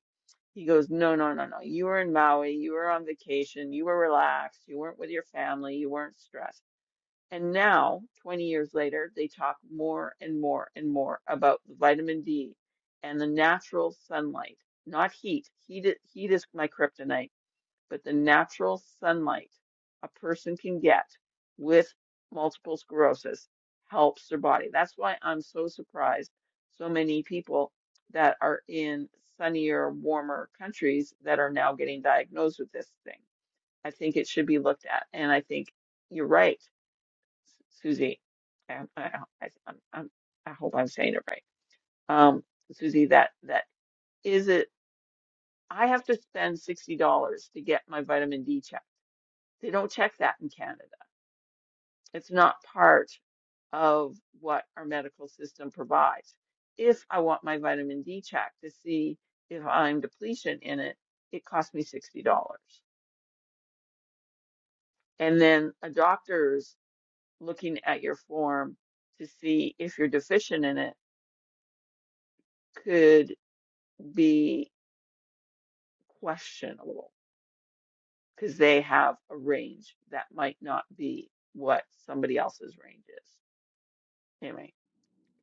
Speaker 1: he goes, No, no, no, no. You were in Maui. You were on vacation. You were relaxed. You weren't with your family. You weren't stressed. And now, 20 years later, they talk more and more and more about the vitamin D and the natural sunlight, not heat. Heat, i- heat is my kryptonite but the natural sunlight a person can get with multiple sclerosis helps their body. That's why I'm so surprised so many people that are in sunnier, warmer countries that are now getting diagnosed with this thing. I think it should be looked at. And I think you're right, Susie. I, I, i I'm, I hope I'm saying it right. Um, Susie, that, that is it. I have to spend $60 to get my vitamin D check they don't check that in Canada. It's not part of what our medical system provides. If I want my vitamin D checked to see if I'm deficient in it, it costs me $60. And then a doctor's looking at your form to see if you're deficient in it could be questionable because they have a range that might not be what somebody else's range is. Anyway.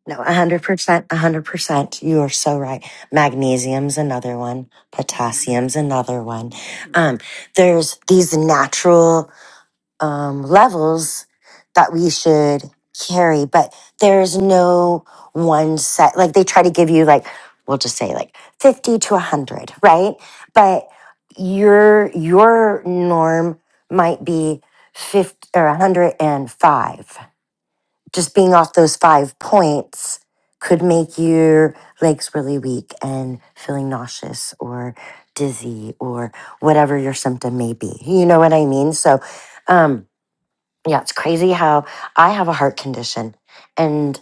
Speaker 3: No,
Speaker 1: uh,
Speaker 3: 100%, 100%. You are so right. Magnesium's another one.
Speaker 1: mhm,
Speaker 3: Potassium's another one.
Speaker 1: mhm.
Speaker 3: Um, there's these natural um, levels that we should carry, but there's no one set. Like they try to give you, like, we'll just say like 50 to 100, right? But your your norm might be 50 or 105. Just being off those five points could make your legs really weak and feeling nauseous or dizzy or whatever your symptom may be. You know what I mean? So, um, yeah, it's crazy how I have a heart condition and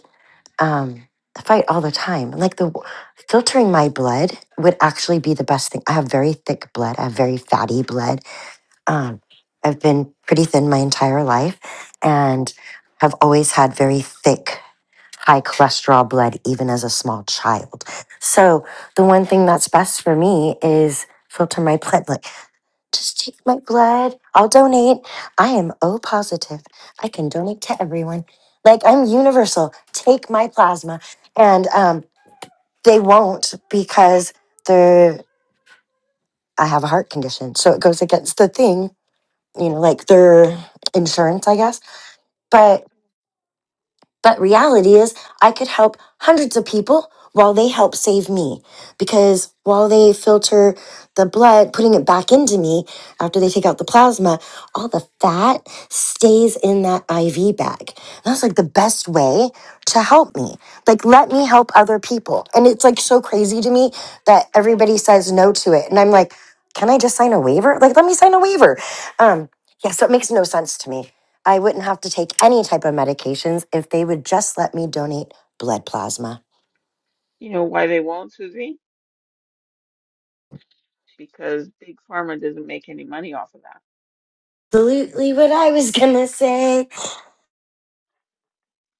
Speaker 3: um, I fight all the time. Like the w- filtering my blood would actually be the best thing. I have very thick blood. I have very fatty blood. Um, I've been pretty thin my entire life and have always had very thick, high cholesterol blood, even as a small child. So the one thing that's best for me is filter my blood. Like just take my blood. I'll donate. I am O positive. I can donate to everyone. Like I'm universal. Take my plasma. And um, they won't because they're I have a heart condition. So it goes against the thing, you know, like their insurance, I guess. But.
Speaker 1: Yep.
Speaker 3: But reality is, I could help hundreds of people while they help save me. Because while they filter the blood, putting it back into me after they take out the plasma, all the fat stays in that IV bag. And that's like the best way to help me. Like, let me help other people. And it's like so crazy to me that everybody says no to it. And I'm like, can I just sign a waiver? Like, let me sign a waiver. Um, yeah, so it makes no sense to me. I wouldn't have to take any type of medications if they would just let me donate blood plasma.
Speaker 1: You know why they won't, Susie? Because big pharma doesn't make any money off of that.
Speaker 3: Absolutely what I was gonna say.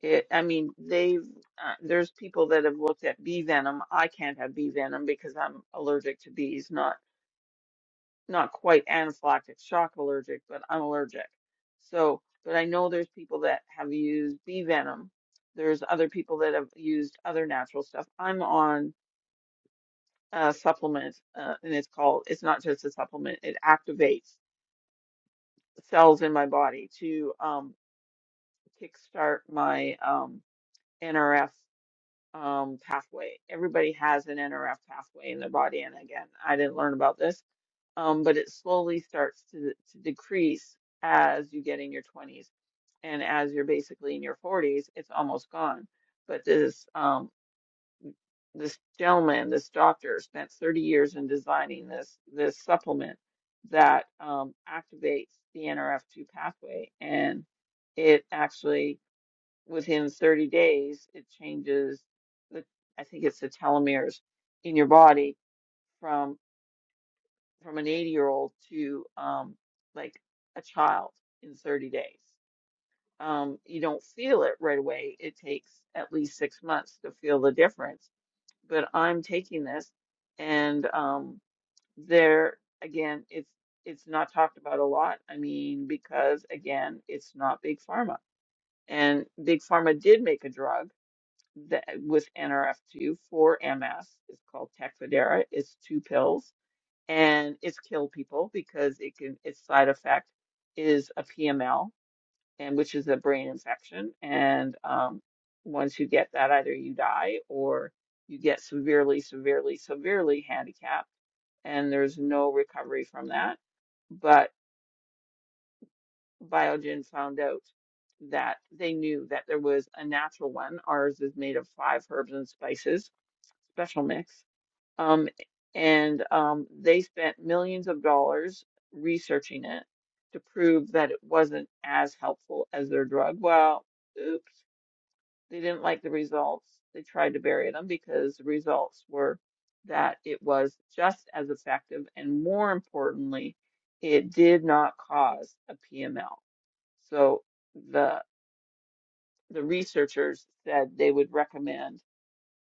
Speaker 1: It, I mean, they've uh, there's people that have looked at bee venom. I can't have bee venom because I'm allergic to bees. Not not quite anaphylactic shock allergic, but I'm allergic. So, but I know there's people that have used bee venom. There's other people that have used other natural stuff. I'm on a supplement, uh, and it's called. It's not just a supplement. It activates cells in my body to um kickstart my um, NRF um, pathway. Everybody has an NRF pathway in their body, and again, I didn't learn about this, um, but it slowly starts to to decrease as you get in your 20s, and as you're basically in your 40s, it's almost gone. But this um, this gentleman, this doctor, spent 30 years in designing this this supplement that um, activates the NRF2 pathway, and it actually within 30 days, it changes the, I think it's the telomeres in your body from from an 80 year old to um, like a child in 30 days. Um, you don't feel it right away. It takes at least six months to feel the difference. But I'm taking this, and um, there again, it's it's not talked about a lot. I mean, because again, it's not big pharma, and big pharma did make a drug that with NRF2 for MS. is called Tecfidera. It's two pills and it's killed people because it can its side effect is a PML and which is a brain infection. And um, once you get that, either you die or you get severely, severely, severely handicapped, and there's no recovery from that. But Biogen found out that they knew that there was a natural one. Ours is made of five herbs and spices Special Mix. Um, and um, they spent millions of dollars researching it to prove that it wasn't as helpful as their drug. Well, oops, they didn't like the results. They tried to bury them because the results were that it was just as effective, and more importantly, it did not cause a PML. So the the researchers said they would recommend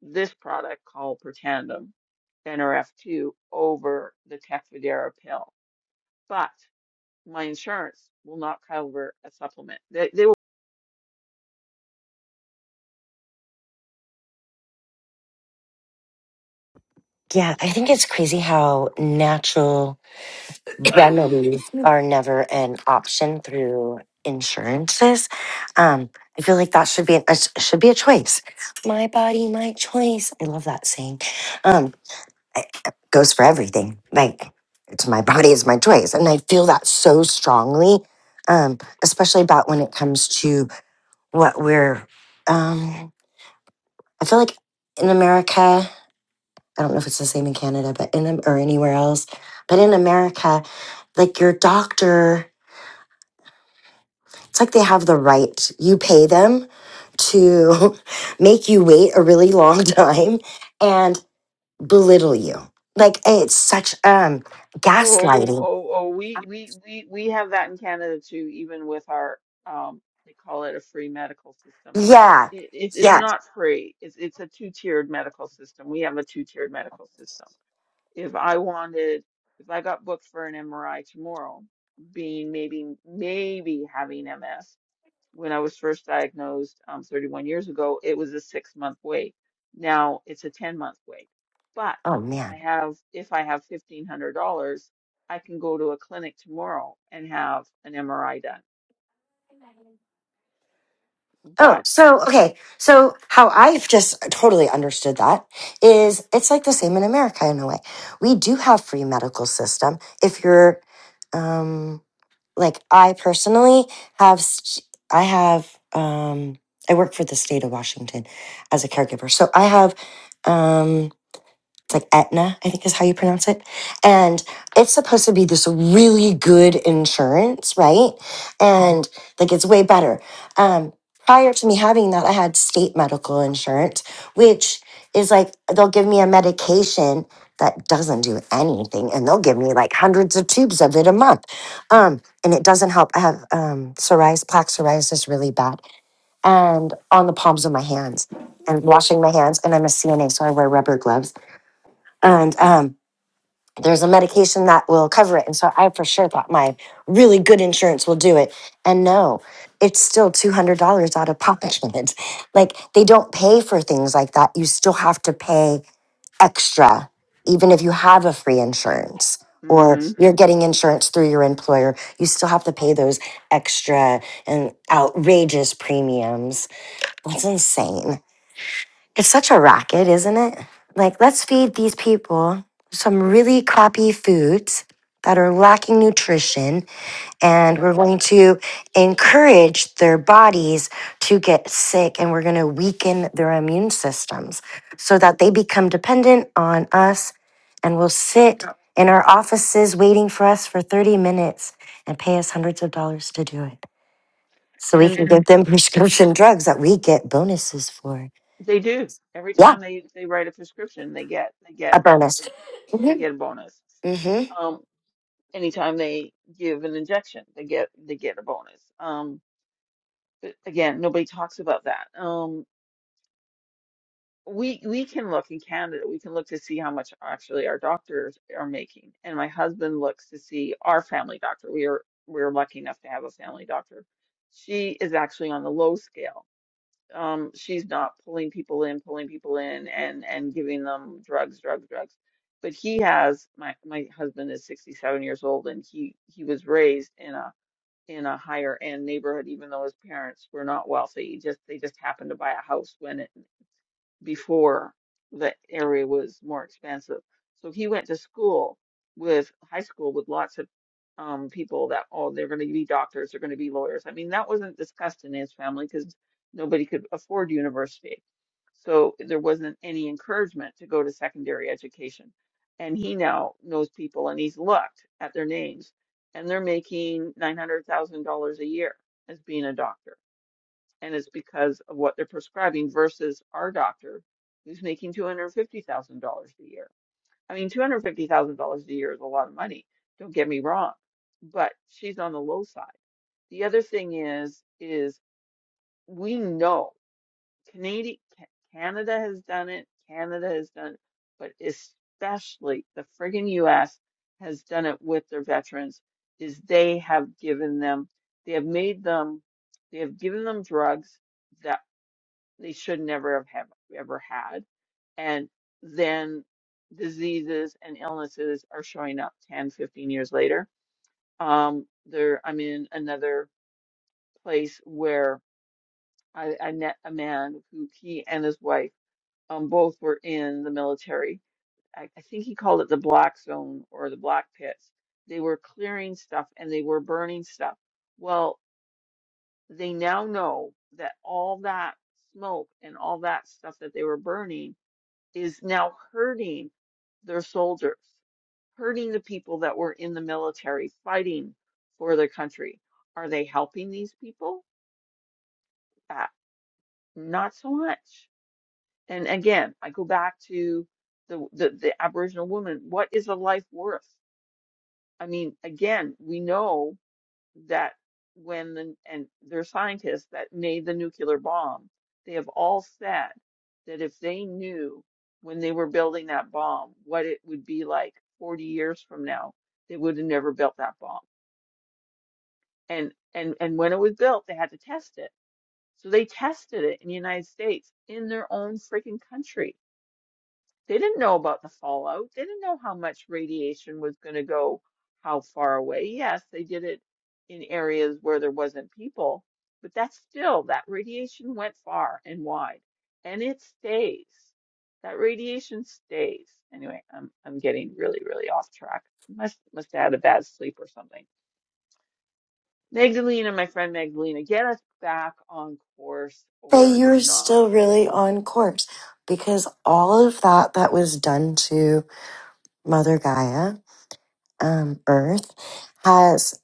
Speaker 1: this product called Protandim Nrf2 over the Tecfidera pill, but my insurance will not cover a supplement. They, they will.
Speaker 3: Yeah, I think it's crazy how natural remedies are never an option through insurances. Um, I feel like that should be a should be a choice. My body, my choice. I love that saying. Um, goes for everything. Like it's my body, it's my choice, and I feel that so strongly. Um, especially about when it comes to what we're um i feel like in america i don't know if it's the same in canada but in Am- or anywhere else but in america like your doctor it's like they have the right you pay them to make you wait a really long time and belittle you like it's such um
Speaker 1: Oh, oh,
Speaker 3: gaslighting
Speaker 1: oh, oh, we, we, we, we have that in Canada too, even with our, um, they call it a free medical system.
Speaker 3: yeah
Speaker 1: It, it's it's
Speaker 3: yeah
Speaker 1: not free. It's, it's a two-tiered medical system. We have a two-tiered medical system. If I wanted, if I got booked for an MRI tomorrow, being maybe, maybe having MS, when I was first diagnosed um, 31 years ago, it was a six month wait. Now it's a 10 month wait. But
Speaker 3: oh
Speaker 1: if
Speaker 3: man
Speaker 1: I have if I have $1,500, I can go to a clinic tomorrow and have an MRI done.
Speaker 3: Oh,
Speaker 1: But
Speaker 3: so okay. So how I've just totally understood that is it's like the same in America in a way. We do have free medical system. If you're um like I personally have st- I have um I work for the state of Washington as a caregiver. So I have um it's like Aetna, I think is how you pronounce it. And it's supposed to be this really good insurance, right? And like it's way better. Um, prior to me having that, I had state medical insurance, which is like they'll give me a medication that doesn't do anything and they'll give me like hundreds of tubes of it a month. Um, and it doesn't help. I have um, psoriasis, plaque psoriasis really bad and on the palms of my hands and washing my hands. And I'm a CNA, so I wear rubber gloves and um, there's a medication that will cover it. And so I for sure thought my really good insurance will do it. And no, it's still $200 out of pocket. like they don't pay for things like that. You still have to pay extra, even if you have a free insurance or
Speaker 1: hmm
Speaker 3: you're getting insurance through your employer. You still have to pay those extra and outrageous premiums. That's insane. It's such a racket, isn't it? Like, let's feed these people some really crappy foods that are lacking nutrition, and
Speaker 1: yep,
Speaker 3: we're going to encourage their bodies to get sick, and we're going to weaken their immune systems so that they become dependent on us and will
Speaker 1: yep.
Speaker 3: sit in our offices waiting for us for 30 minutes and pay us hundreds of dollars to do it. So we
Speaker 1: And
Speaker 3: can give them prescription drugs that we get bonuses for.
Speaker 1: they do every
Speaker 3: Yeah,
Speaker 1: time they they write a prescription, they get they
Speaker 3: a
Speaker 1: get a
Speaker 3: bonus.
Speaker 1: they get a bonus.
Speaker 3: hmm
Speaker 1: Um, anytime they give an injection, they get they get a bonus. Um, but again, nobody talks about that. Um, we we can look in Canada, we can look to see how much actually our doctors are making. And my husband looks to see our family doctor. We are we're lucky enough to have a family doctor. She is actually on the low scale. Um, she's not pulling people in, pulling people in and and giving them drugs, drugs, drugs. But he has my my husband is 67 years old and he he was raised in a in a higher end neighborhood, even though his parents were not wealthy. Just they just happened to buy a house when it before the area was more expansive. So he went to school with high school with lots of um, people that, oh, they're going to be doctors, they're going to be lawyers. I mean, that wasn't discussed in his family because nobody could afford university. So there wasn't any encouragement to go to secondary education. And he now knows people and he's looked at their names and they're making $900,000 a year as being a doctor and it's because of what they're prescribing versus our doctor who's making $250,000 a year. I mean, $250,000 a year is a lot of money. Don't get me wrong, but she's on the low side. The other thing is, is we know Canadian, Canada has done it. Canada has done it, but especially the friggin' U.S. has done it with their veterans is they have given them, they have made them, they have given them drugs that they should never have, have ever had. And then diseases and illnesses are showing up 10, 15 years later. Um, there, I'm in another place where I, I met a man who he and his wife um, both were in the military. I, I think he called it the black zone or the black pits. They were clearing stuff and they were burning stuff. Well, they now know that all that smoke and all that stuff that they were burning is now hurting their soldiers, hurting the people that were in the military fighting for their country. Are they helping these people? Uh, not so much. And again, I go back to the, the, the Aboriginal woman. What is a life worth? I mean, again, we know. that when the, and their scientists that made the nuclear bomb, they have all said that if they knew when they were building that bomb what it would be like 40 years from now, they would have never built that bomb. And and and when it was built, they had to test it. So they tested it in the United States in their own freaking country they didn't know about the fallout. They didn't know how much radiation was going to go how far away. Yes, they did it in areas where there wasn't people, but that's still, that radiation went far and wide, and it stays. That radiation stays. Anyway, I'm I'm getting really, really off track. Must must have had a bad sleep or something. Magdalena, my friend Magdalena, get us back on course
Speaker 3: But
Speaker 1: or
Speaker 3: you're
Speaker 1: not.
Speaker 3: still really on course because all of that that was done to Mother Gaia, um, Earth, has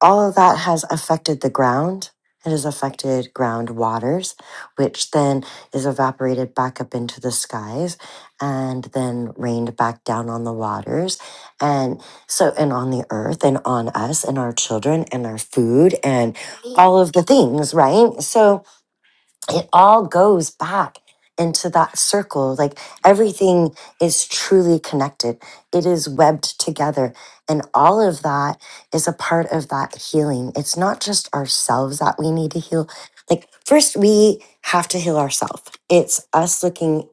Speaker 3: all of that has affected the ground. It has affected ground waters, which then is evaporated back up into the skies and then rained back down on the waters. And so, and on the earth and on us and our children and our food and all of the things, right? So, it all goes back into that circle. Like everything is truly connected, it is webbed together. And all of that is a part of that healing. It's not just ourselves that we need to heal. Like, first, we have to heal ourselves. It's us looking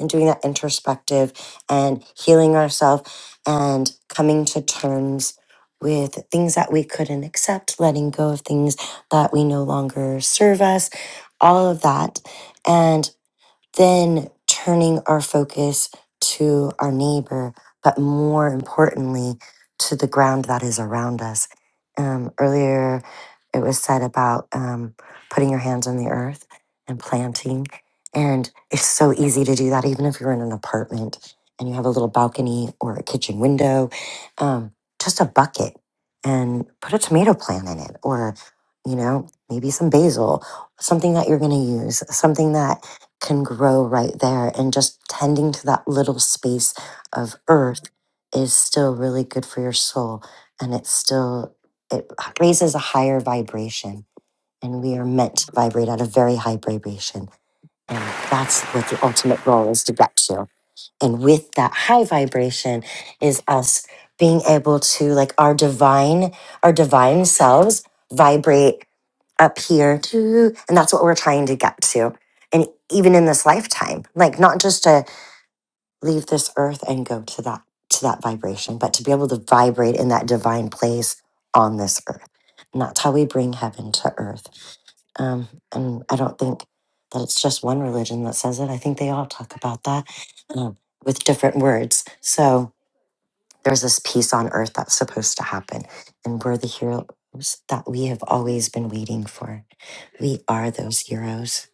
Speaker 3: and doing that introspective and healing ourselves and coming to terms with things that we couldn't accept, letting go of things that we no longer serve us all of that. And then turning our focus to our neighbor, but more importantly, to the ground that is around us. Um, earlier, it was said about um, putting your hands on the earth and planting. And it's so easy to do that, even if you're in an apartment and you have a little balcony or a kitchen window. Um, just a bucket and put a tomato plant in it, or, you know, maybe some basil, something that you're going to use, something that can grow right there. And just tending to that little space of earth is still really good for your soul. And it's still, it raises a higher vibration. And we are meant to vibrate at a very high vibration. And that's what the ultimate goal is to get to. And with that high vibration is us being able to like our divine, our divine selves vibrate up here too. And that's what we're trying to get to. And even in this lifetime, like not just to leave this earth and go to that to that vibration, but to be able to vibrate in that divine place on this earth. And that's how we bring heaven to earth um, and I don't think that it's just one religion that says it. I think they all talk about that um, with different words. So there's this peace on earth that's supposed to happen. And we're the heroes that we have always been waiting for. We are those heroes.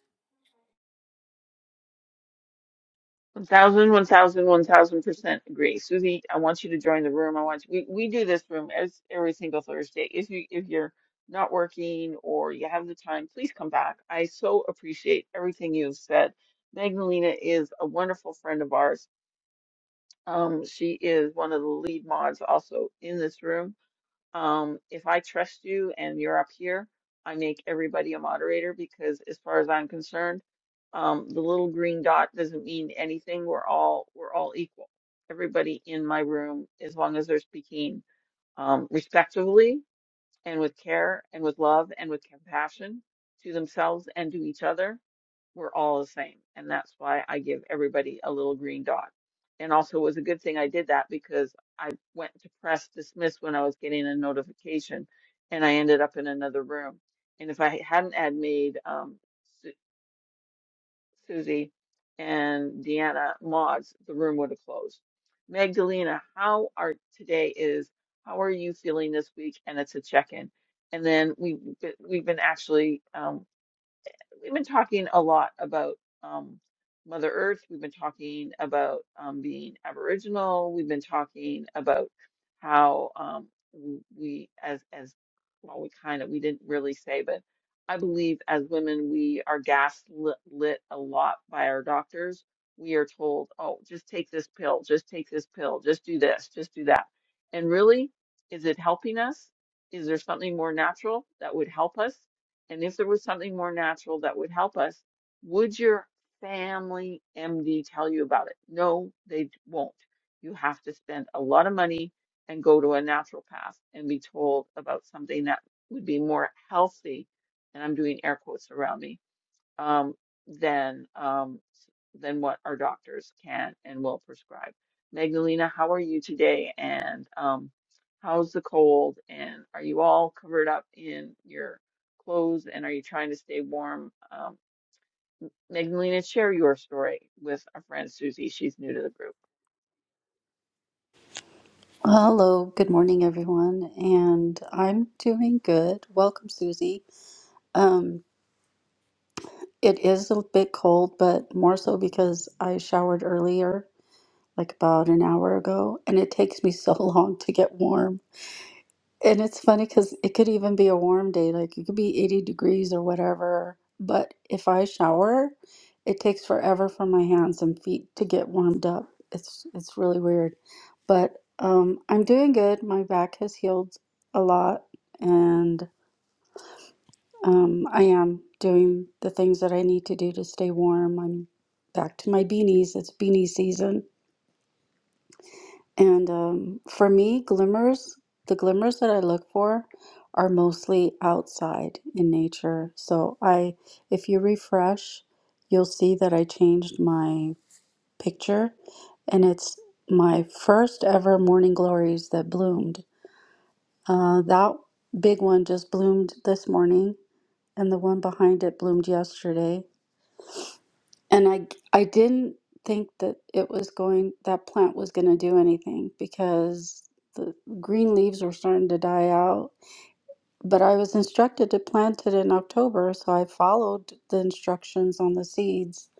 Speaker 1: One thousand, one thousand, one thousand percent agree. Susie, I want you to join the room. I want you, we, we do this room as every single Thursday. If you if you're not working or you have the time, please come back. I so appreciate everything you've said. Magdalena is a wonderful friend of ours. Um, she is one of the lead mods also in this room. Um, if I trust you and you're up here, I make everybody a moderator because as far as I'm concerned, um, the little green dot doesn't mean anything. We're all we're all equal. Everybody in my room, as long as they're speaking um, respectfully and with care and with love and with compassion to themselves and to each other, we're all the same. And that's why I give everybody a little green dot. And also it was a good thing I did that because I went to press dismiss when I was getting a notification and I ended up in another room. And if I hadn't had made um, Su- Susie and Deanna mods, the room would have closed. Magdalena, how are today is how are you feeling this week? And it's a check-in. And then we we've been we've been actually um, Exactly, we've been talking a lot about um, Mother Earth. We've been talking about um, being Aboriginal. We've been talking about how um, w- we, as as well, we kind of we didn't really say, but I believe as women we are gaslit lit a lot by our doctors. We are told, oh, just take this pill, just take this pill, just do this, just do that. And really, is it helping us? Is there something more natural that would help us? and if there was something more natural that would help us, would your family MD tell you about it? No, they won't. You have to spend a lot of money and go to a naturopath and be told about something that would be more healthy. And I'm doing air quotes around me um, than um, than what our doctors can and will prescribe. Magdalena, how are you today? And um, how's the cold? And are you all covered up in your clothes? And are you trying to stay warm? Um, Magdalena, share your story with our friend Susie. She's new to the group.
Speaker 5: Well, Hello, good morning, everyone, and I'm doing good. Welcome, Susie. Um, it is a bit cold, but more so because I showered earlier, like about an hour ago, and it takes me so long to get warm. And it's funny because it could even be a warm day, like it could be 80 degrees or whatever. But if I shower, it takes forever for my hands and feet to get warmed up. It's it's really weird. But um, I'm doing good. My back has healed a lot, and um, I am doing the things that I need to do to stay warm. I'm back to my beanies. It's beanie season And um, for me, glimmers, the glimmers that I look for are mostly outside in nature. So I, if you refresh, you'll see that I changed my picture, and it's my first ever morning glories that bloomed. Uh, that big one just bloomed this morning, and the one behind it bloomed yesterday. And I I didn't think that it was going that plant was going to do anything because the green leaves were starting to die out. But I was instructed to plant it in October, so I followed the instructions on the seeds.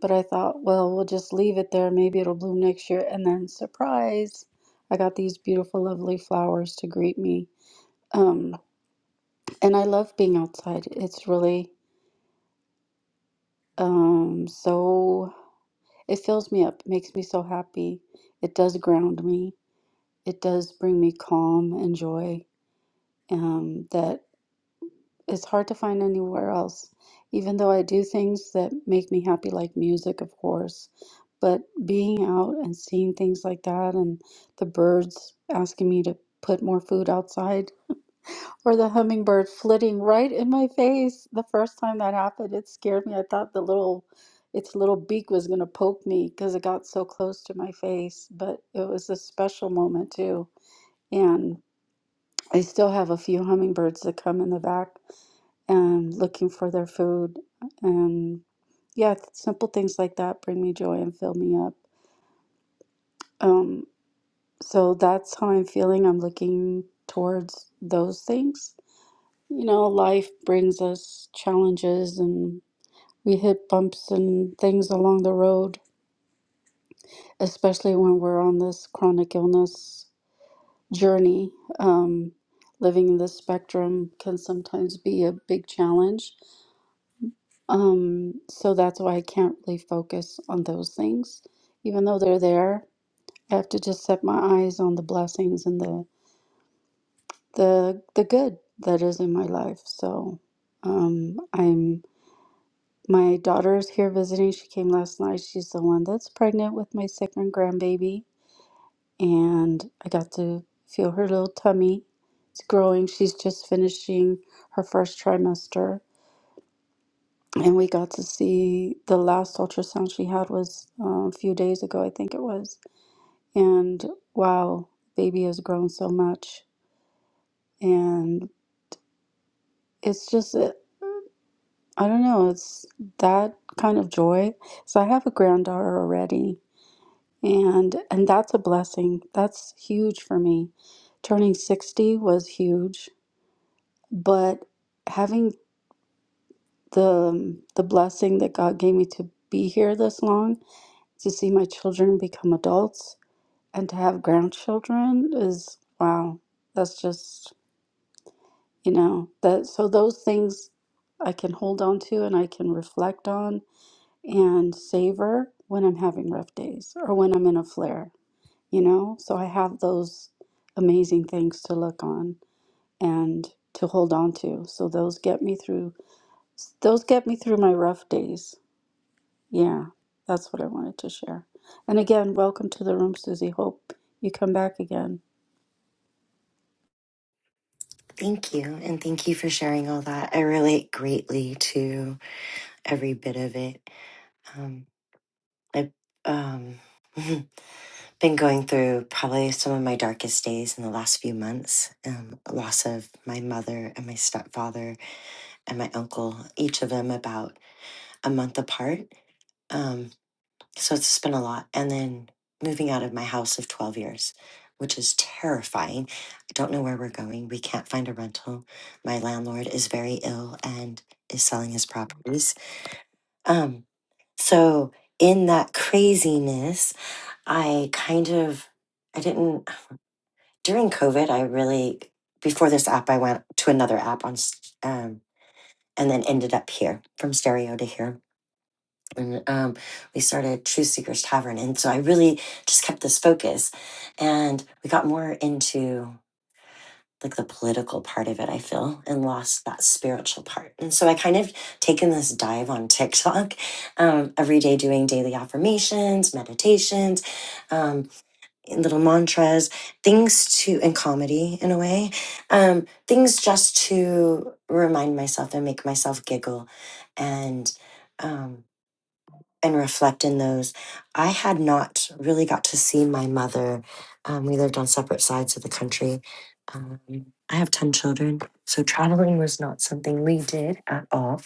Speaker 5: But I thought, well, we'll just leave it there. Maybe it'll bloom next year. And then, surprise, I got these beautiful, lovely flowers to greet me. Um, and I love being outside. It's really um, so. It fills me up, makes me so happy. It does ground me. It does bring me calm and joy um, that is hard to find anywhere else. Even though I do things that make me happy, like music, of course, but being out and seeing things like that and the birds asking me to put more food outside or the hummingbird flitting right in my face. The first time that happened, it scared me. I thought the little, its little beak was going to poke me because it got so close to my face. But it was a special moment too. And I still have a few hummingbirds that come in the back and looking for their food. And yeah, simple things like that bring me joy and fill me up. Um, so that's how I'm feeling. I'm looking towards those things You know, life brings us challenges and we hit bumps and things along the road, especially when we're on this chronic illness journey. Um, living in the spectrum can sometimes be a big challenge. Um, so that's why I can't really focus on those things, even though they're there. I have to just set my eyes on the blessings and the the the good that is in my life. So um, I'm My daughter's here visiting. She came last night. She's the one that's pregnant with my second grandbaby. And I got to feel her little tummy. It's growing. She's just finishing her first trimester. And we got to see the last ultrasound she had was uh, a few days ago, I think it was. And wow, baby has grown so much. And it's just, I don't know, it's that kind of joy. So I have a granddaughter already and and that's a blessing that's huge for me turning 60 was huge but having the the blessing that God gave me to be here this long to see my children become adults and to have grandchildren is wow that's just you know that so those things I can hold on to and I can reflect on and savor when I'm having rough days or when I'm in a flare you know? So I have those amazing things to look on and to hold on to. So those get me through those get me through my rough days. Yeah, that's what I wanted to share. And again, welcome to the room, Susie. Hope you come back again.
Speaker 3: Thank you. And thank you for sharing all that. I relate greatly to every bit of it. Um, I, um, been going through probably some of my darkest days in the last few months. Um, loss of my mother and my stepfather and my uncle, each of them about a month apart. Um, so it's been a lot. And then moving out of my house of 12 years, which is terrifying. I don't know where we're going. We can't find a rental. My landlord is very ill and is selling his properties. Um, so in that craziness, I kind of I didn't. during COVID, I really before this app, I went to another app on, s- um, and then ended up here from stereo to here, and um, we started True Seekers Tavern, and so I really just kept this focus, and we got more into like the political part of it. I feel and lost that spiritual part, and so I kind of taken this dive on TikTok um, every day, doing daily affirmations, meditations. um, little mantras, things to, and comedy in a way, um, things just to remind myself and make myself giggle and, um, and reflect in those. I had not really got to see my mother. Um, we lived on separate sides of the country. Um, I have 10 children, so traveling was not something we did at all.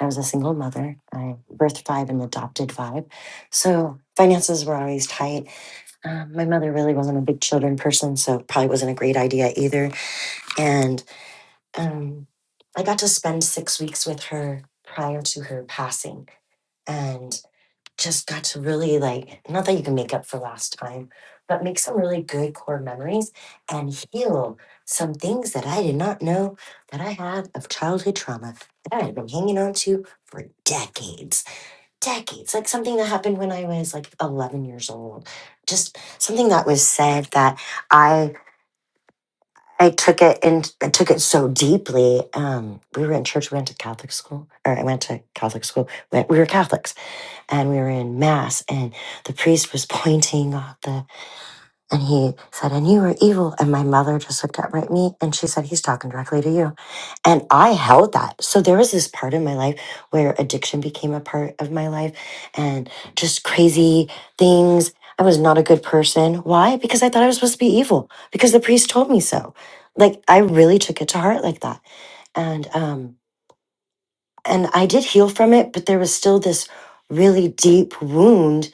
Speaker 3: I was a single mother. I birthed five and adopted five. So finances were always tight um, my mother really wasn't a big children person, so it probably wasn't a great idea either. And um, I got to spend six weeks with her prior to her passing and just got to really like, not that you can make up for last time, but make some really good core memories and heal some things that I did not know that I had of childhood trauma that I had been hanging on to for decades decades like something that happened when i was like 11 years old just something that was said that i i took it and i took it so deeply um we were in church we went to catholic school or i went to catholic school but we were catholics and we were in mass and the priest was pointing out the and he said, And you were evil. And my mother just looked up at me and she said, He's talking directly to you. And I held that. So there was this part in my life where addiction became a part of my life and just crazy things. I was not a good person. Why? Because I thought I was supposed to be evil because the priest told me so. Like I really took it to heart like that. And um and I did heal from it, but there was still this really deep wound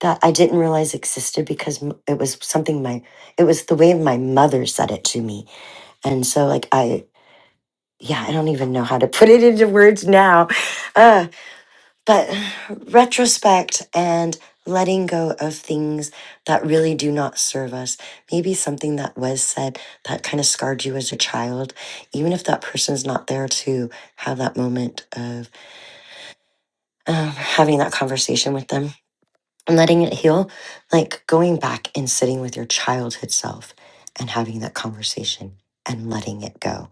Speaker 3: that I didn't realize existed because m- it was something my it was the way my mother said it to me, and so like I yeah I don't even know how to put it into words now, uh, but retrospect and letting go of things that really do not serve us maybe something that was said that kind of scarred you as a child even if that person's not there to have that moment of um, having that conversation with them and letting it heal, like going back and sitting with your childhood self and having that conversation and letting it go,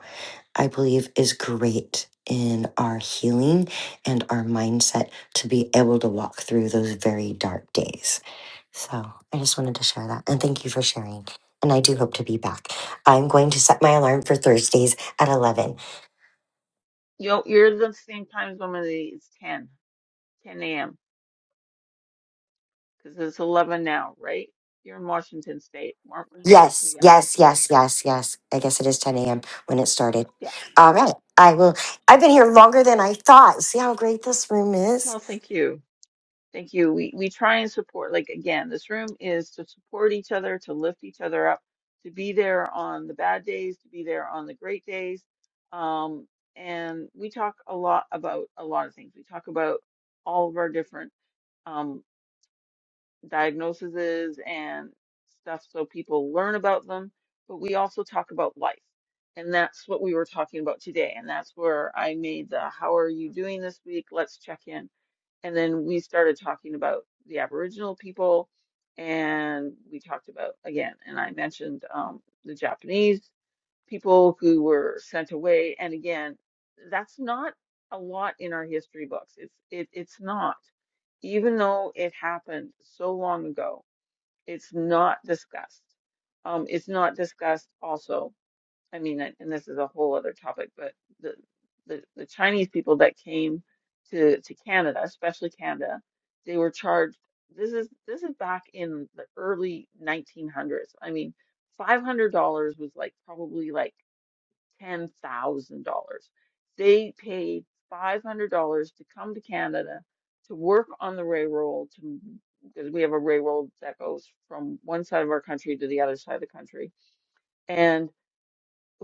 Speaker 3: I believe is great in our healing and our mindset to be able to walk through those very dark days. So I just wanted to share that. And thank you for sharing. And I do hope to be back. I'm going to set my alarm for Thursdays at 11.
Speaker 1: Yo, you're the same time zone as me. It's 10, 10 a.m. because it's 11 now, right? You're in Washington State, aren't we?
Speaker 3: Yes,
Speaker 1: Yeah,
Speaker 3: yes, yes, yes, yes. I guess it is 10 a.m. when it started.
Speaker 1: yeah.
Speaker 3: All right.
Speaker 1: Oh,
Speaker 3: I will. I've been here longer than I thought. See how great this room is?
Speaker 1: Well, thank you. Thank you. We we try and support, like again, this room is to support each other, to lift each other up, to be there on the bad days, to be there on the great days. Um, and we talk a lot about a lot of things. We talk about all of our different um diagnoses and stuff so people learn about them, but we also talk about life. And that's what we were talking about today. And that's where I made the how are you doing this week? Let's check in and then we started talking about the Aboriginal people, and we talked about again, and I mentioned um, the Japanese people who were sent away. And again, that's not a lot in our history books. It's it it's not, even though it happened so long ago, it's not discussed. Um, it's not discussed also I mean, and and this is a whole other topic, but the the, the Chinese people that came to to Canada, especially Canada, they were charged. This is this is back in the early 1900s. I mean, $500 was like probably like $10,000. They paid $500 to come to Canada to work on the railroad to because we have a railroad that goes from one side of our country to the other side of the country and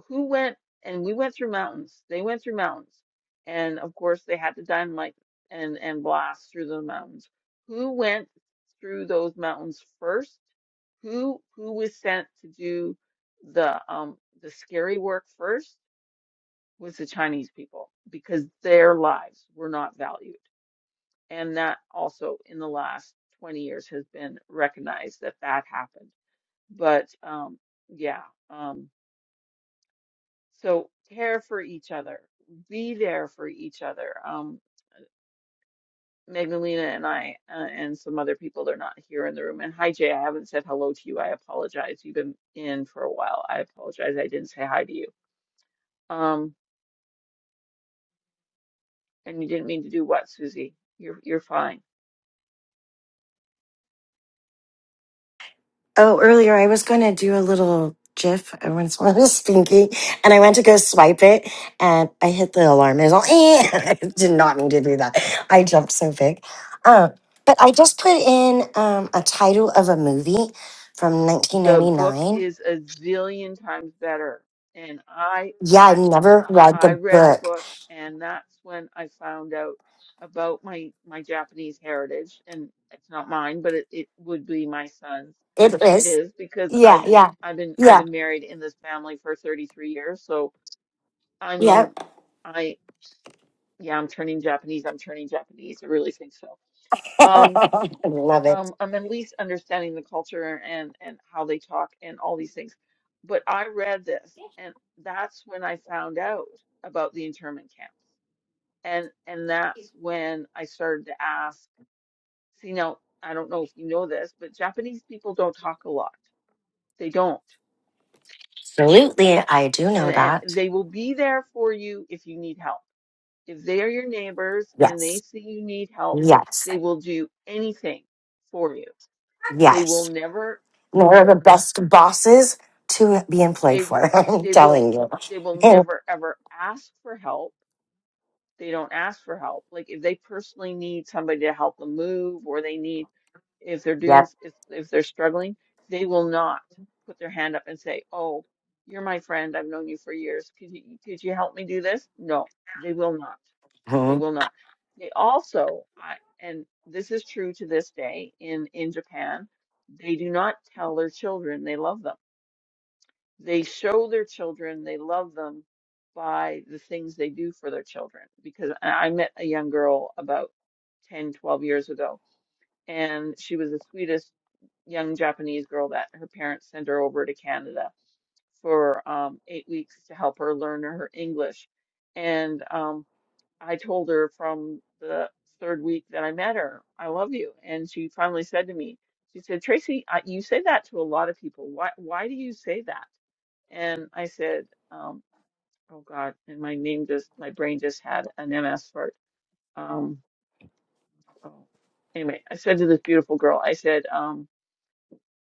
Speaker 1: who went and we went through mountains. They went through mountains. And of course they had to dynamite and, and blast through the mountains. Who went through those mountains first? Who who was sent to do the um the scary work first was the Chinese people because their lives were not valued. And that also in the last 20 years has been recognized that that happened. But um yeah, um. So care for each other, be there for each other. Um, Magdalena and I, uh, and some other people, they're not here in the room. And hi, Jay, I haven't said hello to you. I apologize. You've been in for a while. I apologize. I didn't say hi to you. Um, and you didn't mean to do what, Susie? You're you're fine.
Speaker 3: Oh, earlier I was going to do a little GIF once when I was speaking, and I went to go swipe it, and I hit the alarm. It was all, "Eh." I did not mean to do that. I jumped so big. Um, but I just put in um, a title of a movie from
Speaker 1: The book
Speaker 3: 1999.
Speaker 1: is a zillion times better. And I
Speaker 3: Yeah,
Speaker 1: I
Speaker 3: I've never
Speaker 1: I
Speaker 3: read
Speaker 1: I
Speaker 3: the
Speaker 1: read the
Speaker 3: book.
Speaker 1: book and that's when I found out about my my Japanese heritage and it's not mine, but it, it would be my son's.
Speaker 3: It
Speaker 1: It
Speaker 3: is.
Speaker 1: is because
Speaker 3: Yeah,
Speaker 1: I've been
Speaker 3: yeah,
Speaker 1: I've been I've
Speaker 3: yeah,
Speaker 1: been married in this family for 33 years, so I
Speaker 3: yeah.
Speaker 1: mean I yeah, I'm turning Japanese. I'm turning Japanese. I really think so.
Speaker 3: I
Speaker 1: Um,
Speaker 3: love it.
Speaker 1: um, I'm at least understanding the culture and and how they talk and all these things. But I read this, and that's when I found out about the internment camps, and and that's when I started to ask. See, now I don't know if you know this, but Japanese people don't talk a lot. They don't,
Speaker 3: Absolutely, I do know
Speaker 1: and, and
Speaker 3: that.
Speaker 1: they will be there for you if you need help. If they are your neighbors and they
Speaker 3: Yes,
Speaker 1: see you need help,
Speaker 3: yes,
Speaker 1: they will do anything for you. They will
Speaker 3: yes.
Speaker 1: never
Speaker 3: And They're the best bosses to be employed
Speaker 1: they
Speaker 3: for. I'm
Speaker 1: they will
Speaker 3: telling you.
Speaker 1: they will
Speaker 3: And,
Speaker 1: never ever ask for help. They don't ask for help. Like if they personally need somebody to help them move, or they need if they're doing
Speaker 3: yep.
Speaker 1: if if they're struggling, they will not put their hand up and say, "Oh, you're my friend. I've known you for years. Could you could you help me do this?" No, they will not. They
Speaker 3: mhm.
Speaker 1: will not. They also, I, and this is true to this day in in Japan, they do not tell their children they love them they show their children they love them by the things they do for their children because i I met a young girl about 10, 12 years ago and she was the sweetest young japanese girl that her parents sent her over to canada for um, eight weeks to help her learn her english and um, i told her from the third week that i met her i love you and she finally said to me she said tracy I, you say that to a lot of people why why do you say that and I said, um, oh God, and my name just, my brain just had an MS fart. Um, oh. Anyway, I said to this beautiful girl, I said, um,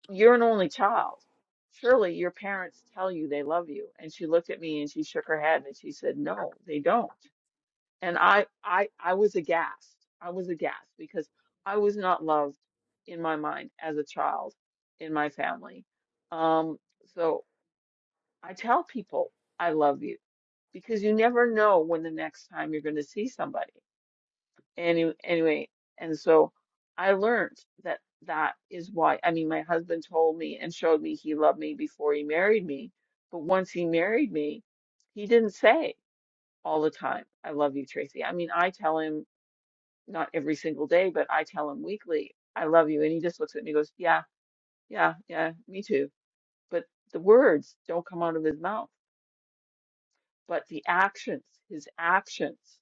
Speaker 1: you're an only child. Surely your parents tell you they love you. And she looked at me and she shook her head and she said, no, they don't. And I, I, I was aghast. I was aghast because I was not loved in my mind as a child in my family. Um, so I tell people I love you because you never know when the next time you're going to see somebody. Any, anyway, and so I learned that that is why. I mean, my husband told me and showed me he loved me before he married me, but once he married me, he didn't say all the time, "I love you, Tracy." I mean, I tell him not every single day, but I tell him weekly, "I love you," and he just looks at me and goes, "Yeah, yeah, yeah, me too." But the words don't come out of his mouth, but the actions, his actions.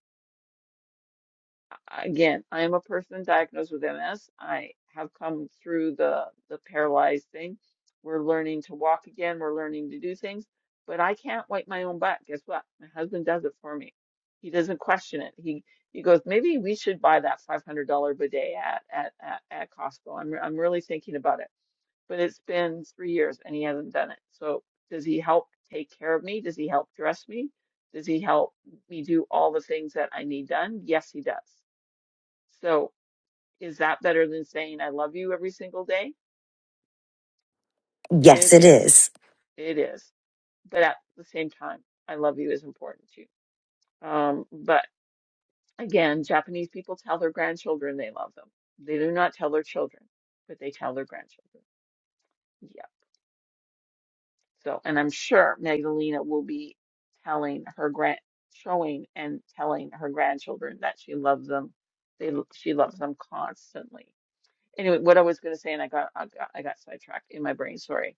Speaker 1: Again, I am a person diagnosed with MS. I have come through the the paralyzed thing. We're learning to walk again. We're learning to do things, but I can't wipe my own butt. Guess what? My husband does it for me. He doesn't question it. He he goes, maybe we should buy that $500 bidet at at at, at Costco. I'm I'm really thinking about it. But it's been three years and he hasn't done it. So does he help take care of me? Does he help dress me? Does he help me do all the things that I need done? Yes, he does. So is that better than saying I love you every single day? It
Speaker 3: Yes, it
Speaker 1: is.
Speaker 3: is.
Speaker 1: It is. But at the same time, I love you is important too. Um, but again, Japanese people tell their grandchildren they love them. They do not tell their children, but they tell their grandchildren. Yeah. So, and I'm sure Magdalena will be telling her grand, showing and telling her grandchildren that she loves them. They, she loves them constantly. Anyway, what I was going to say, and I got, I got, I got sidetracked in my brain. Sorry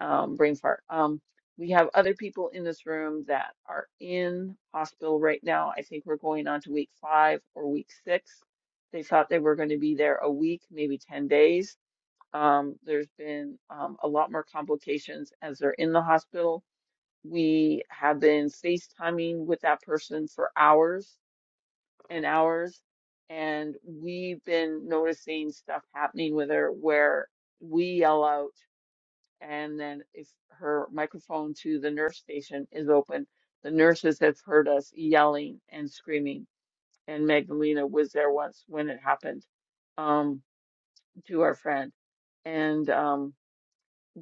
Speaker 1: um, brain fart. Um, we have other people in this room that are in hospital right now. I think we're going on to week five or week six. They thought they were going to be there a week, maybe 10 days. Um, there's been um, a lot more complications as they're in the hospital. We have been FaceTiming with that person for hours and hours, and we've been noticing stuff happening with her where we yell out and then if her microphone to the nurse station is open, the nurses have heard us yelling and screaming. And Magdalena was there once when it happened um, to our friend. And um,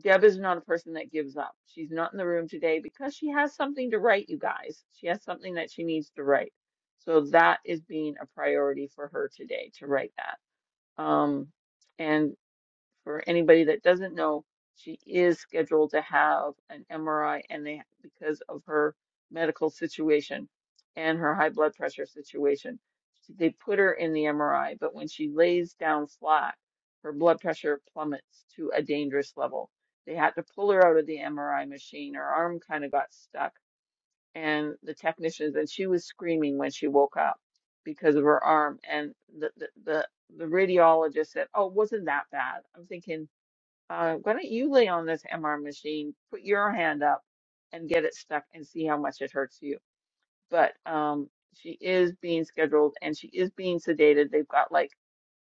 Speaker 1: Deb is not a person that gives up. She's not in the room today because she has something to write, you guys. She has something that she needs to write. So that is being a priority for her today to write that. Um, for anybody that doesn't know, she is scheduled to have an MRI and they, because of her medical situation and her high blood pressure situation, they put her in the MRI, but when she lays down flat, her blood pressure plummets to a dangerous level. They had to pull her out of the MRI machine. Her arm kind of got stuck and the technicians, and she was screaming when she woke up because of her arm. And the, the, the, the radiologist said, Oh, it wasn't that bad. I'm thinking, uh, why don't you lay on this MR machine, put your hand up and get it stuck and see how much it hurts you. But um, she is being scheduled and she is being sedated. They've got like,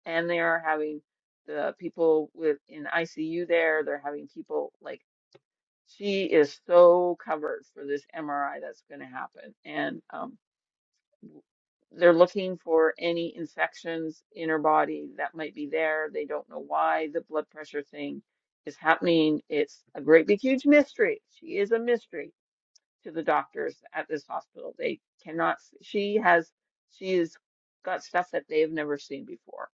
Speaker 1: and they're having the people with in ICU there, they're having people like, she is so covered for this MRI that's going to happen. And um, they're looking for any infections in her body that might be there. They don't know why the blood pressure thing is happening. It's a great big huge mystery. She is a mystery to the doctors at this hospital. They cannot, she has, she's got stuff that they've never seen before.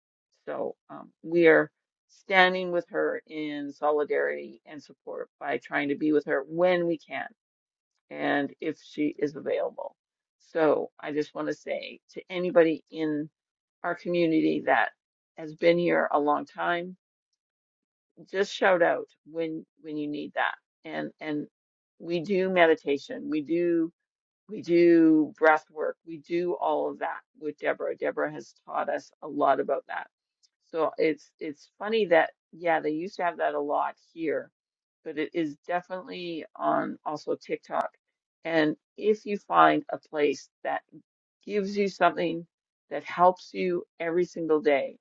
Speaker 1: So um, we are standing with her in solidarity and support by trying to be with her when we can and if she is available. So I just want to say to anybody in our community that has been here a long time, just shout out when when you need that. And and we do meditation. We do we do breath work. We do all of that with Deborah. Deborah has taught us a lot about that. So it's it's funny that yeah, they used to have that a lot here, but it is definitely on also TikTok. And if you find a place that gives you something that helps you every single day,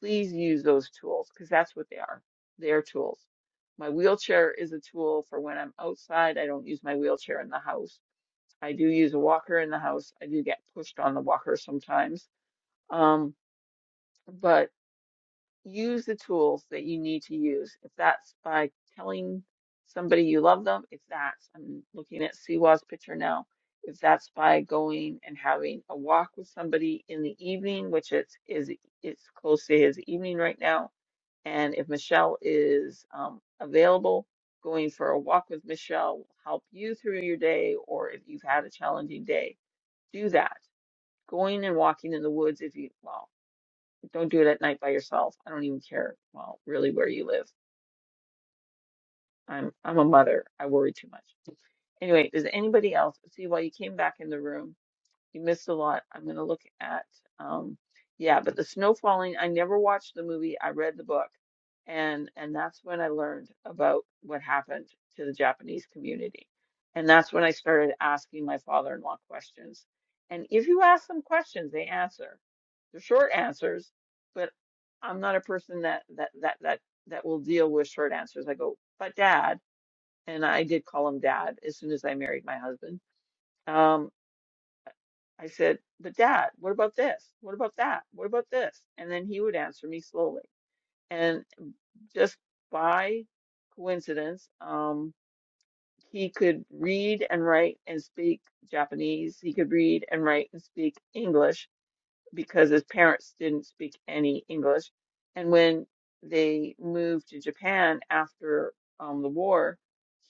Speaker 1: please use those tools because that's what they are. They are tools. My wheelchair is a tool for when I'm outside. I don't use my wheelchair in the house I do use a walker in the house. I do get pushed on the walker sometimes. Um, but use the tools that you need to use. If that's by telling somebody you love them, if that's, I'm looking at Siwa's picture now, if that's by going and having a walk with somebody in the evening, which it's is it's close to his evening right now, and if Michelle is um, available, going for a walk with Michelle will help you through your day, or if you've had a challenging day do that. Going and walking in the woods if you, well, don't do it at night by yourself. I don't even care, well, really where you live. I'm I'm a mother. I worry too much. Anyway, does anybody else see why you came back in the room? You missed a lot. I'm going to look at, um, yeah, but the snow falling, I never watched the movie. I read the book, and and that's when I learned about what happened to the Japanese community. And that's when I started asking my father-in-law questions. And if you ask them questions, they answer. They're short answers, but I'm not a person that that that that that will deal with short answers. I go, but dad, and I did call him dad as soon as I married my husband um, I said, but dad, what about this? What about that? What about this? And then he would answer me slowly. And just by coincidence, um, he could read and write and speak Japanese. He could read and write and speak English because his parents didn't speak any English. And when they moved to Japan after um, the war,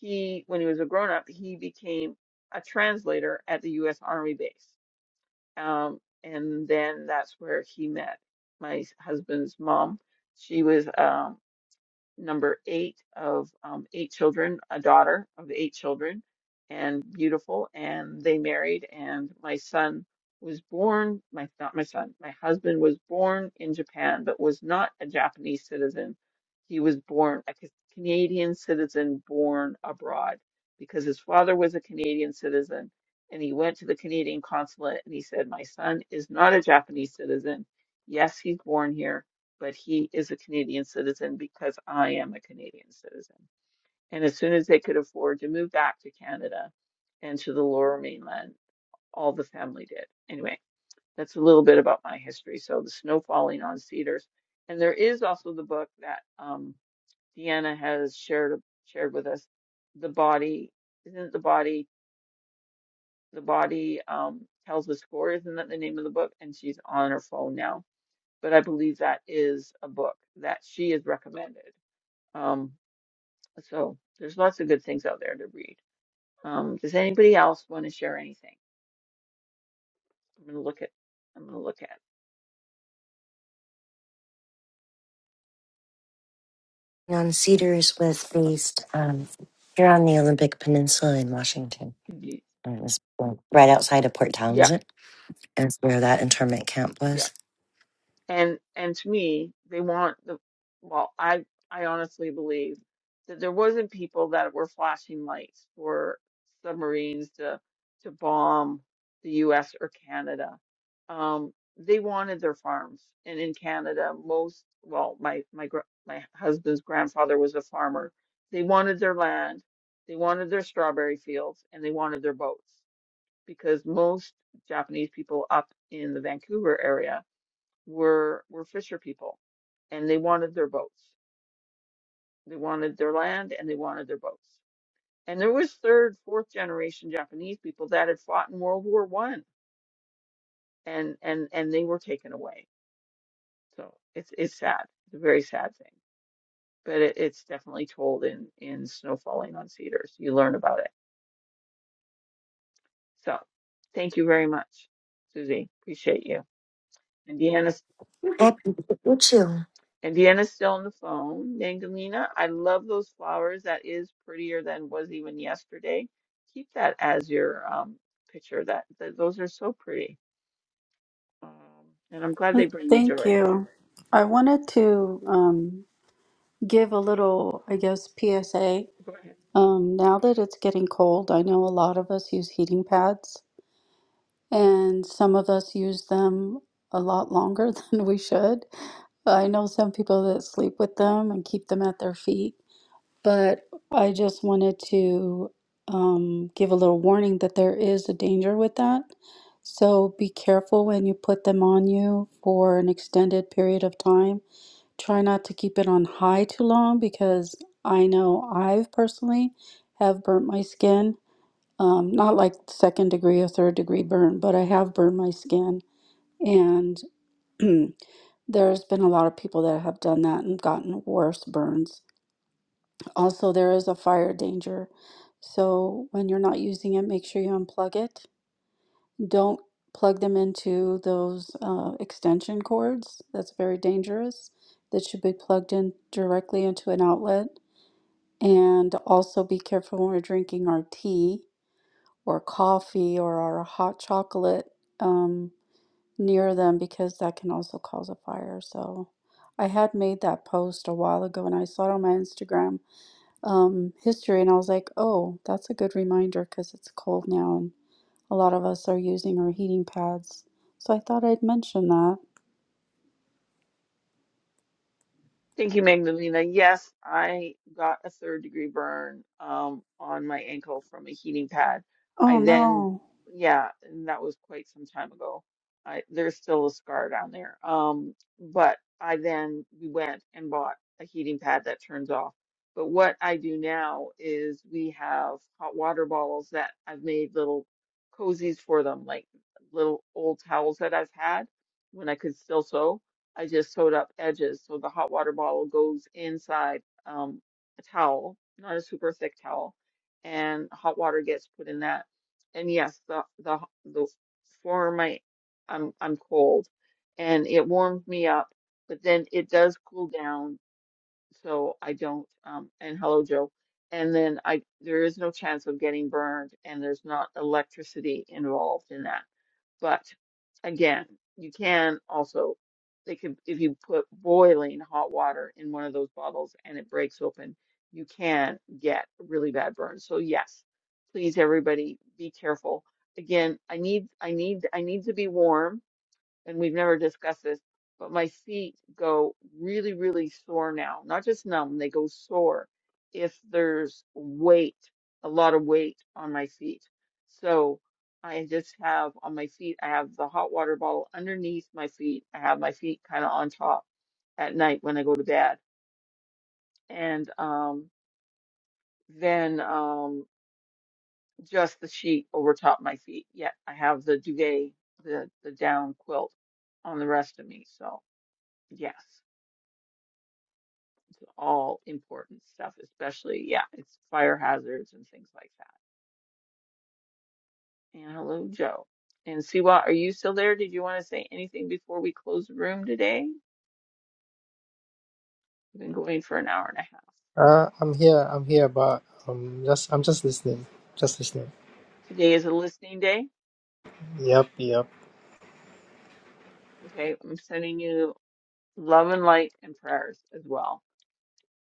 Speaker 1: he, when he was a grown up, he became a translator at the U.S. Army base um, and then that's where he met my husband's mom. She was um, number eight of um, eight children, a daughter of the eight children, and beautiful. And they married, and my son was born. My not my son, my husband was born in Japan, but was not a Japanese citizen. He was born a Ca- Canadian citizen born abroad because his father was a Canadian citizen. And he went to the Canadian consulate and he said, My son is not a Japanese citizen. Yes, he's born here but he is a Canadian citizen because I am a Canadian citizen. And as soon as they could afford to move back to Canada and to the lower mainland, all the family did. Anyway, that's a little bit about my history. So the snow falling on cedars. And there is also the book that um, Deanna has shared shared with us. The body isn't it the body the body um, tells the score, isn't that the name of the book? And she's on her phone now but I believe that is a book that she has recommended. Um, so there's lots of good things out there to read. Um, does anybody else want to share anything? I'm gonna look at. I'm gonna look at.
Speaker 3: On Cedars was based um, here on the Olympic Peninsula in Washington.
Speaker 1: Ye-
Speaker 3: And It was like, right outside of Port
Speaker 1: Yeah,
Speaker 3: Townsend. That's where that internment camp
Speaker 1: yeah.
Speaker 3: was.
Speaker 1: And and to me, they want the well, I I honestly believe that there wasn't people that were flashing lights for submarines to to bomb the US or Canada. Um, they wanted their farms. And in Canada, most well, my my gr- my husband's grandfather was a farmer. They wanted their land, they wanted their strawberry fields, and they wanted their boats because most Japanese people up in the Vancouver area were were fisher people and they wanted their boats. They wanted their land and they wanted their boats. And there was third, fourth generation Japanese people that had fought in World War One and and and they were taken away. So it's it's sad. It's a very sad thing. But it, it's definitely told in in Snow Falling on Cedars. You learn about it. So thank you very much, Susie. Appreciate you. And Deanna
Speaker 3: Happy to meet you.
Speaker 1: And Deanna's still on the phone. Dangalina, I love those flowers. That is prettier than was even yesterday. Keep that as your um picture. That, that those are so pretty. Um, and I'm glad they
Speaker 5: Well,
Speaker 1: bring you
Speaker 5: Thank
Speaker 1: joy.
Speaker 5: you. I wanted to um, give a little, I guess, PSA.
Speaker 1: Go ahead.
Speaker 5: Um, now that it's getting cold, I know a lot of us use heating pads and some of us use them a lot longer than we should. I know some people that sleep with them and keep them at their feet, but I just wanted to um, give a little warning that there is a danger with that. So be careful when you put them on you for an extended period of time. Try not to keep it on high too long because I know I've personally have burnt my skin um, not like second degree or third degree burn, but I have burned my skin. And there's been a lot of people that have done that and gotten worse burns. Also, there is a fire danger. So when you're not using it, make sure you unplug it. Don't plug them into those uh, extension cords. That's very dangerous. That should be plugged in directly into an outlet. And also be careful when we're drinking our tea or coffee or our hot chocolate um, near them because that can also cause a fire. So I had made that post a while ago and I saw it on my Instagram um, history and I was like, oh, that's a good reminder because it's cold now and a lot of us are using our heating pads. So I thought I'd mention that.
Speaker 1: Thank you, Magdalena. Yes, I got a third degree burn um, on my ankle from a heating pad. I
Speaker 5: Oh
Speaker 1: then,
Speaker 5: no.
Speaker 1: yeah, and that was quite some time ago. I, there's still a scar down there. Um, but I then we went and bought a heating pad that turns off. But what I do now is we have hot water bottles that I've made little cozies for them, like little old towels that I've had when I could still sew I just sewed up edges so the hot water bottle goes inside um, a towel, not a super thick towel, and hot water gets put in that. And yes, the the the for my I'm I'm cold, and it warms me up, but then it does cool down, so I don't. Um, and hello, Joe. And then I there is no chance of getting burned, and there's not electricity involved in that. But again, you can also they could if you put boiling hot water in one of those bottles and it breaks open, you can get a really bad burn. So yes, please everybody be careful. Again, I need I need I need to be warm and we've never discussed this, but my feet go really, really sore now. Not just numb, they go sore if there's weight, a lot of weight on my feet. So I just have on my feet, I have the hot water bottle underneath my feet. I have my feet kind of on top at night when I go to bed. And um, then um, just the sheet over top my feet. Yeah, I have the duvet, the, the down quilt on the rest of me. So, yes. to all important stuff, especially, yeah, it's fire hazards and things like that. And hello, Joe. And Siwa, are you still there? Did you want to say anything before we close the room today? We've been going for an hour and a half.
Speaker 2: uh i'm here i'm here but um just i'm just listening just listening
Speaker 1: Today is a listening day.
Speaker 2: yep yep
Speaker 1: Okay, I'm sending you love and light and prayers as well.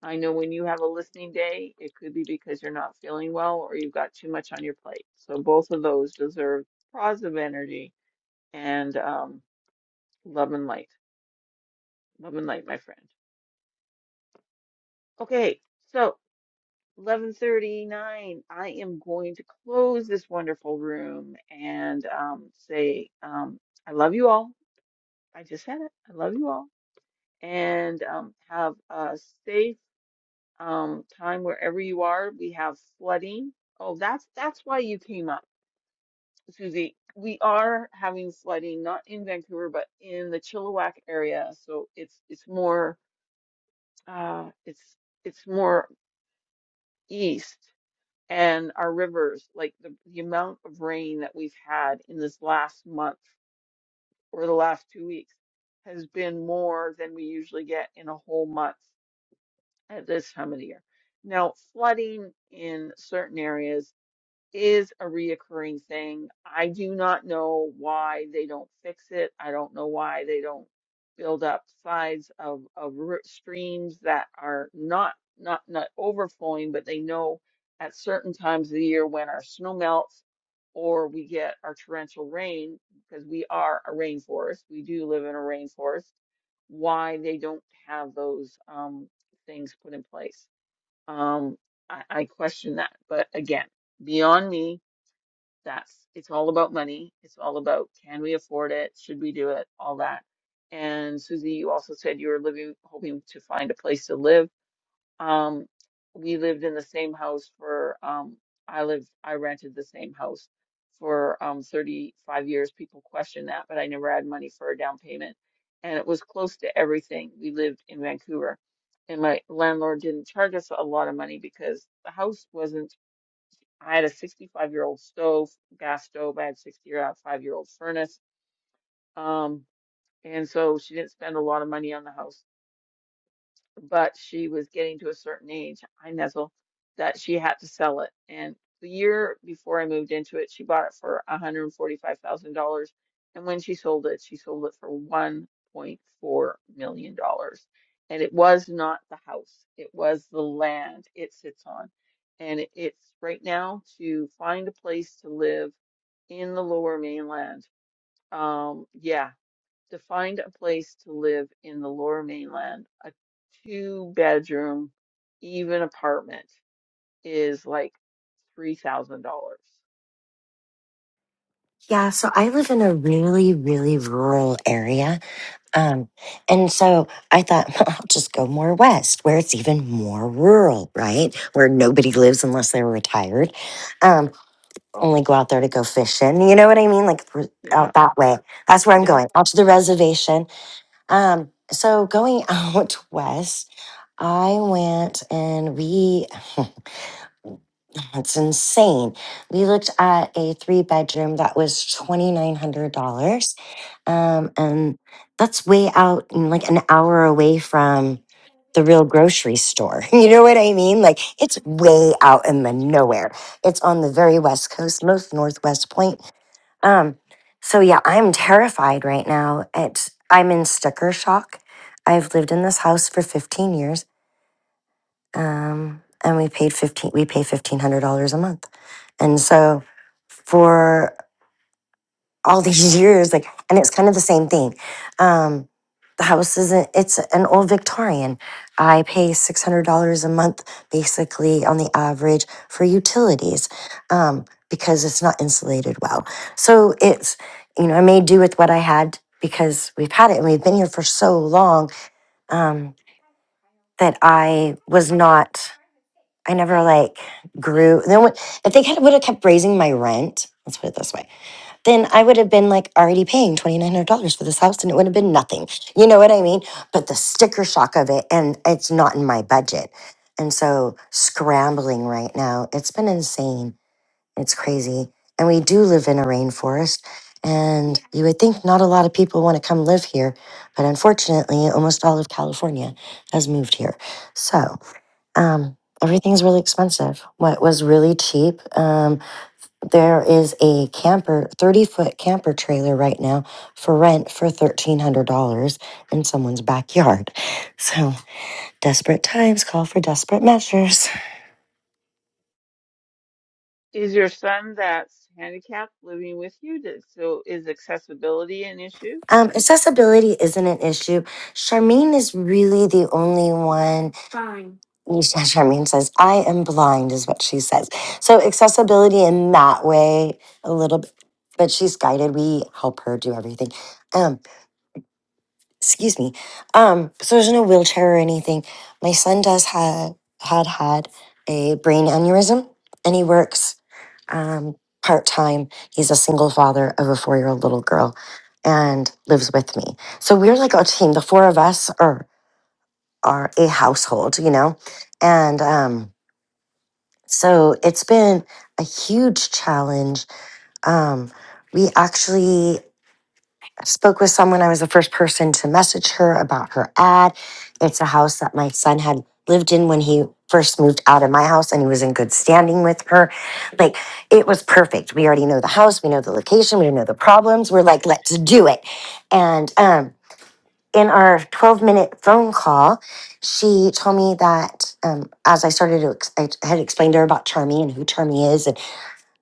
Speaker 1: I know when you have a listening day, it could be because you're not feeling well or you've got too much on your plate. So both of those deserve positive energy and um, love and light. Love and light, my friend. Okay, so 11:39, I am going to close this wonderful room and um, say um, I love you all. I just said it. I love you all. And um, have a safe um, time wherever you are. We have flooding. Oh, that's that's why you came up, Susie. We are having flooding, not in Vancouver, but in the Chilliwack area. So it's it's more uh, it's it's more east. and our rivers, like the, the amount of rain that we've had in this last month or the last two weeks has been more than we usually get in a whole month at this time of the year. Now, flooding in certain areas is a reoccurring thing. I do not know why they don't fix it. I don't know why they don't build up sides of of ri- streams that are not not not overflowing, but they know at certain times of the year when our snow melts or we get our torrential rain because we are a rainforest. We do live in a rainforest. Why they don't have those um, things put in place. Um, I, I question that. But again, beyond me, that's it's all about money. It's all about can we afford it? Should we do it? All that. And Susie, you also said you were living, hoping to find a place to live. Um, we lived in the same house for um I lived I rented the same house for um 35 years. People question that, but I never had money for a down payment. And it was close to everything. We lived in Vancouver, and my landlord didn't charge us a lot of money because the house wasn't. I had a 65 year old stove, gas stove. I had 65 year old furnace. Um, and so she didn't spend a lot of money on the house but she was getting to a certain age, I nuzzle, that she had to sell it. And the year before I moved into it, she bought it for $145,000. And when she sold it, she sold it for $1.4 million. dollars. And it was not the house, it was the land it sits on. And it- it's right now to find a place to live in the lower mainland. Um, yeah, to find a place to live in the lower mainland, a two bedroom, even apartment is like $3,000.
Speaker 3: Yeah, so I live in a really, really rural area. Um, and so I thought, I'll just go more west where it's even more rural, right? Where nobody lives unless they're retired. Um, only go out there to go fishing. You know what I mean? Like r-
Speaker 1: Yeah,
Speaker 3: out that way. That's where I'm
Speaker 1: yeah.
Speaker 3: going, out to the reservation. Um, so going out west, I went and we That's insane. We looked at a three bedroom that was $2,900. Um, and that's way out, and like an hour away from the real grocery store. You know what I mean? Like it's way out in the nowhere. It's on the very west coast, most northwest point. Um, so yeah, I'm terrified right now. It's I'm in sticker shock. I've lived in this house for 15 years um, and we paid fifteen. We pay fifteen hundred dollars a month, and so for all these years, like, and it's kind of the same thing. Um, the house isn't. It's an old Victorian. I pay six hundred dollars a month, basically on the average, for utilities um, because it's not insulated well. So it's you know I made do with what I had because we've had it and we've been here for so long um, that I was not. I never like grew. Then when, if they had, would have kept raising my rent, let's put it this way, then I would have been like already paying twenty nine hundred dollars for this house, and it would have been nothing. You know what I mean? But the sticker shock of it, and it's not in my budget, and so scrambling right now. It's been insane. It's crazy, and we do live in a rainforest. And you would think not a lot of people want to come live here, but unfortunately, almost all of California has moved here. So, um, everything's really expensive. What was really cheap, um, there is a camper, 30 foot camper trailer right now for rent for $1,300 in someone's backyard. So desperate times call for desperate measures.
Speaker 1: Is your son that's handicapped living with you? Does- So is accessibility an issue?
Speaker 3: Um, accessibility isn't an issue. Charmaine is really the only one. Charmaine says, I am blind, is what she says. So accessibility in that way, a little bit, but she's guided. We help her do everything. Um, excuse me um so there's no wheelchair or anything my son does have had had a brain aneurysm and he works um part-time he's a single father of a four-year-old little girl and lives with me so we're like a team the four of us are are a household you know and um so it's been a huge challenge um we actually spoke with someone. I was the first person to message her about her ad. It's a house that my son had lived in when he first moved out of my house and he was in good standing with her. Like it was perfect. We already know the house, we know the location, we know the problems. We're like, let's do it. And um in our 12 minute phone call, she told me that um, as I started to, ex- I had explained to her about Charmy and who Charmy is and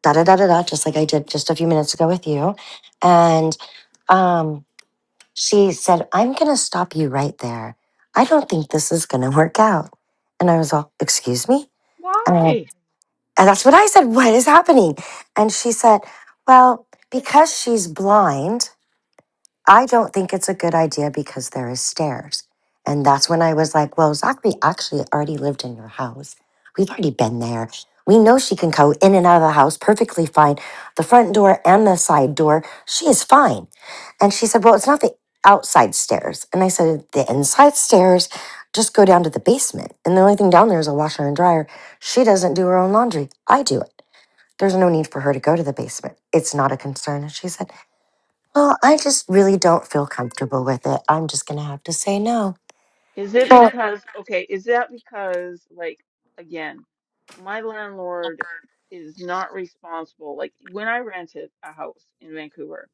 Speaker 3: da da da da da, just like I did just a few minutes ago with you. And um, she said, I'm going to stop you right there. I don't think this is going to work out. And I was all, Excuse me? And, I, went,
Speaker 1: Why?
Speaker 3: and that's what I said. What is happening? And she said, Well, because she's blind. I don't think it's a good idea because there is stairs. And that's when I was like, well, Zachary actually already lived in your house. We've already been there. We know she can go in and out of the house perfectly fine, the front door and the side door. She is fine. And she said, well, it's not the outside stairs. And I said, the inside stairs, just go down to the basement. And the only thing down there is a washer and dryer. She doesn't do her own laundry. I do it. There's no need for her to go to the basement. It's not a concern. And she said, well, I just really don't feel comfortable with it. I'm just going to have to say no.
Speaker 1: Is it
Speaker 3: Oh,
Speaker 1: because, okay, is that because, like, again, my landlord is not responsible. Like, when I rented a house in Vancouver,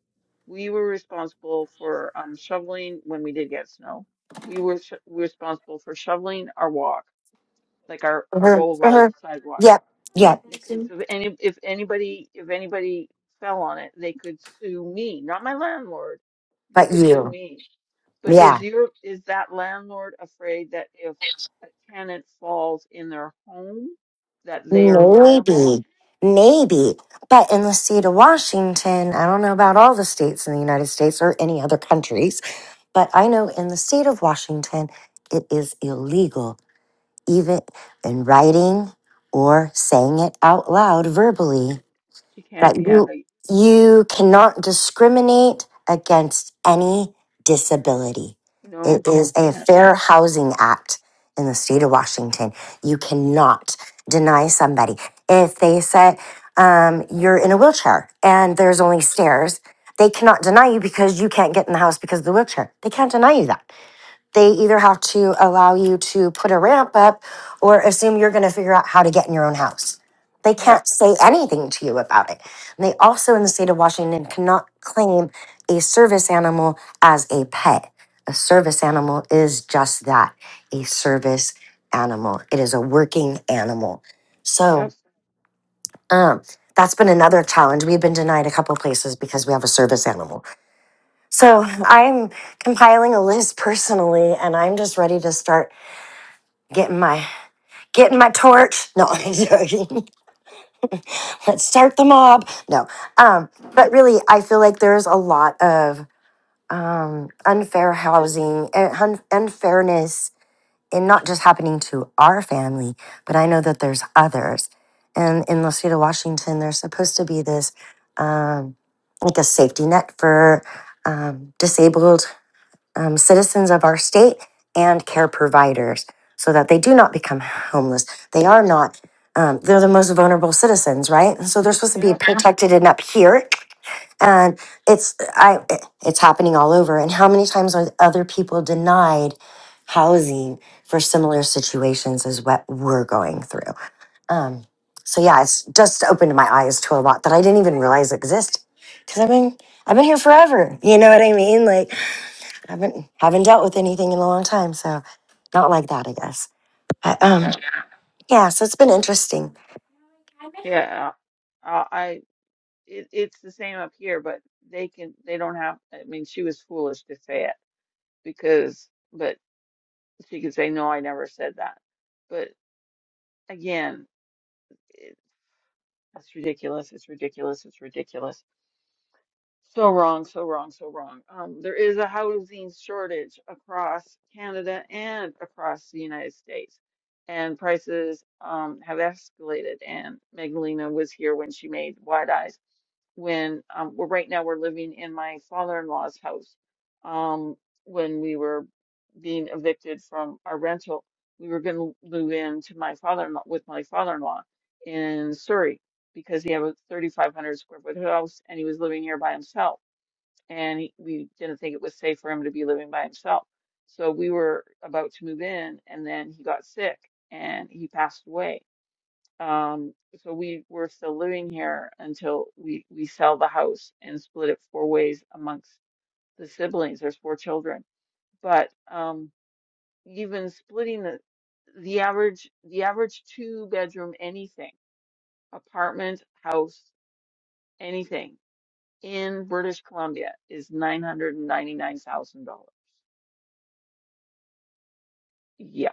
Speaker 1: we were responsible for um, shoveling when we did get snow. We were sh responsible for shoveling our walk, like our, our
Speaker 3: uh-huh,
Speaker 1: boulevard
Speaker 3: uh-huh.
Speaker 1: sidewalk,
Speaker 3: Yep, yep.
Speaker 1: because if any if anybody if anybody fell on it, they could sue me, not my landlord. They
Speaker 3: But
Speaker 1: could sue
Speaker 3: you,
Speaker 1: me. But
Speaker 3: yeah,
Speaker 1: is your is that landlord afraid that if a tenant falls in their home, that they are liable?
Speaker 3: maybe, maybe. But in the state of Washington, I don't know about all the states in the United States or any other countries, but I know in the state of Washington, it is illegal, even in writing or saying it out loud verbally.
Speaker 1: She can't.
Speaker 3: that
Speaker 1: Yeah,
Speaker 3: you
Speaker 1: they
Speaker 3: you cannot discriminate against any disability.
Speaker 1: no,
Speaker 3: It
Speaker 1: you
Speaker 3: is a
Speaker 1: can't.
Speaker 3: fair housing act in the state of Washington. You cannot deny somebody if they say um, you're in a wheelchair and there's only stairs. They cannot deny you because you can't get in the house because of the wheelchair. They can't deny you that they either have to allow you to put a ramp up or assume you're going to figure out how to get in your own house. They can't
Speaker 1: Yep,
Speaker 3: say anything to you about it. And they also, in the state of Washington, cannot claim a service animal as a pet. A service animal is just that a service animal, it is a working animal.
Speaker 1: yep,
Speaker 3: So, um, that's been another challenge. We've been denied a couple places because we have a service animal. So I'm compiling a list personally, and I'm just ready to start getting my getting my torch. No, I'm joking. Let's start the mob. No, um, but really, I feel like there's a lot of um, unfair housing and hun- unfairness, and not just happening to our family, but I know that there's others. And in the state of Washington, there's supposed to be this um, like a safety net for um, disabled um, citizens of our state and care providers so that they do not become homeless. They are not, um, they're the most vulnerable citizens, right? And so they're supposed to be
Speaker 1: yep,
Speaker 3: protected and up here. And it's I it's happening all over. And how many times are other people denied housing for similar situations as what we're going through? Um, so yeah, it's just opened my eyes to a lot that I didn't even realize exist. Cause I've been I've been here forever. You know what I mean? Like haven't haven't dealt with anything in a long time, so not like that, I guess. But, um,
Speaker 1: yeah,
Speaker 3: yeah, so it's been interesting.
Speaker 1: yeah. Uh, I it, it's the same up here, but they can they don't have. I mean, she was foolish to say it because, but she could say no, I never said that. But again, it, it's ridiculous. It's ridiculous. It's ridiculous So wrong, so wrong, so wrong. Um, there is a housing shortage across Canada and across the United States, and prices um, have escalated. And Magdalena was here when she made Wide Eyes. When um, we're right now, we're living in my father-in-law's house. Um, when we were being evicted from our rental, we were going to move in to my father-in-law with my father-in-law in Surrey because he had a 3,500 square foot house and he was living here by himself and he, we didn't think it was safe for him to be living by himself. So we were about to move in, and then he got sick and he passed away. Um, so we were still living here until we we sell the house and split it four ways amongst the siblings. There's four children, but um, even splitting the the average the average two bedroom anything apartment house anything in British Columbia is nine hundred and ninety nine thousand dollars. Yeah.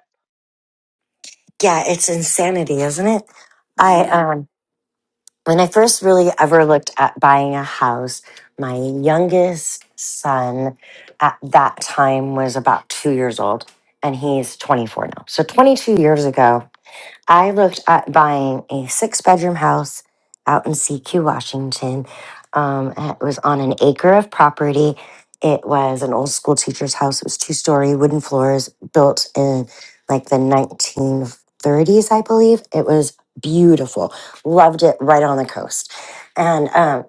Speaker 3: Yeah, it's insanity, isn't it? I
Speaker 1: hmm
Speaker 3: um, when I first really ever looked at buying a house, my youngest son at that time was about two years old, and he's twenty four now. So twenty two years ago. I looked at buying a six bedroom house out in CQ, Washington. Um, it was on an acre of property. It was an old school teacher's house. It was two story, wooden floors, built in like the 1930s, I believe. It was beautiful. Loved it right on the coast. And um,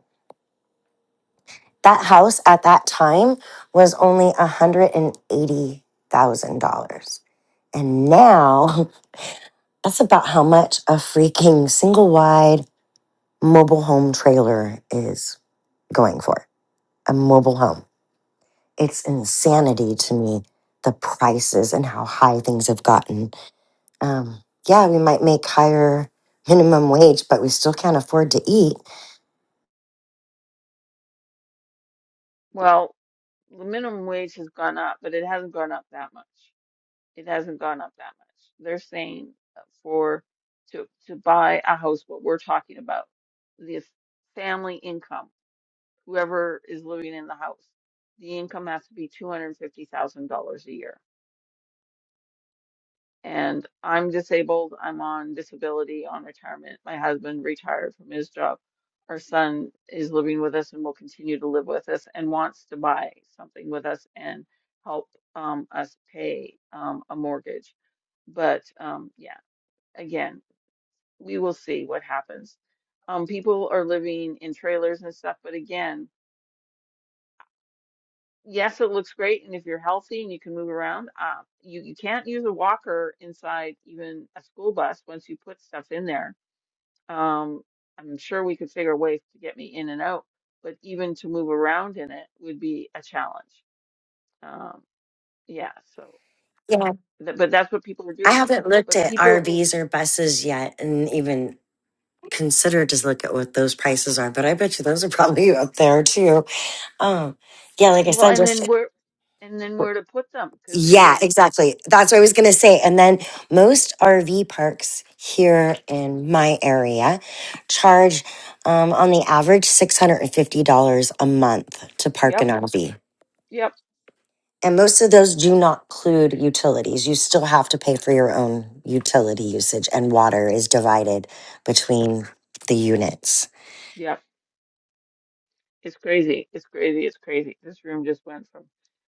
Speaker 3: that house at that time was only $180,000. And now that's about how much a freaking single wide mobile home trailer is going for a mobile home. It's insanity to me the prices and how high things have gotten. Um, yeah, we might make higher minimum wage, but we still can't afford to eat.
Speaker 1: Well, the minimum wage has gone up, but it hasn't gone up that much. It hasn't gone up that much. They're saying uh, for to to buy a house, what we're talking about, the family income, whoever is living in the house, the income has to be two hundred fifty thousand dollars a year. and I'm disabled. I'm on disability on retirement. My husband retired from his job. Our son is living with us and will continue to live with us and wants to buy something with us and help um, us pay um, a mortgage. But um, yeah, again, we will see what happens. Um, people are living in trailers and stuff, but again, yes, it looks great, and if you're healthy and you can move around, uh, you you can't use a walker inside even a school bus once you put stuff in there. Um, I'm sure we could figure ways to get me in and out, but even to move around in it would be a challenge. Um, yeah, so
Speaker 3: Yeah,
Speaker 1: th but that's what people are
Speaker 3: I
Speaker 1: doing.
Speaker 3: haven't looked
Speaker 1: But
Speaker 3: at
Speaker 1: people in
Speaker 3: RVs or buses yet, and even considered just look at what those prices are. But I bet you those are probably up there too. Um, yeah, like I
Speaker 1: well,
Speaker 3: said,
Speaker 1: and
Speaker 3: just
Speaker 1: then where and then where to put them? Because
Speaker 3: Yeah,
Speaker 1: again,
Speaker 3: exactly. That's what I was going to say. And then most RV parks here in my area charge, um, on the average, $650 a month to park
Speaker 1: yep,
Speaker 3: an RV.
Speaker 1: yep,
Speaker 3: And most of those do not include utilities. You still have to pay for your own utility usage, and water is divided between the units.
Speaker 1: yep. It's crazy. It's crazy. It's crazy. This room just went from,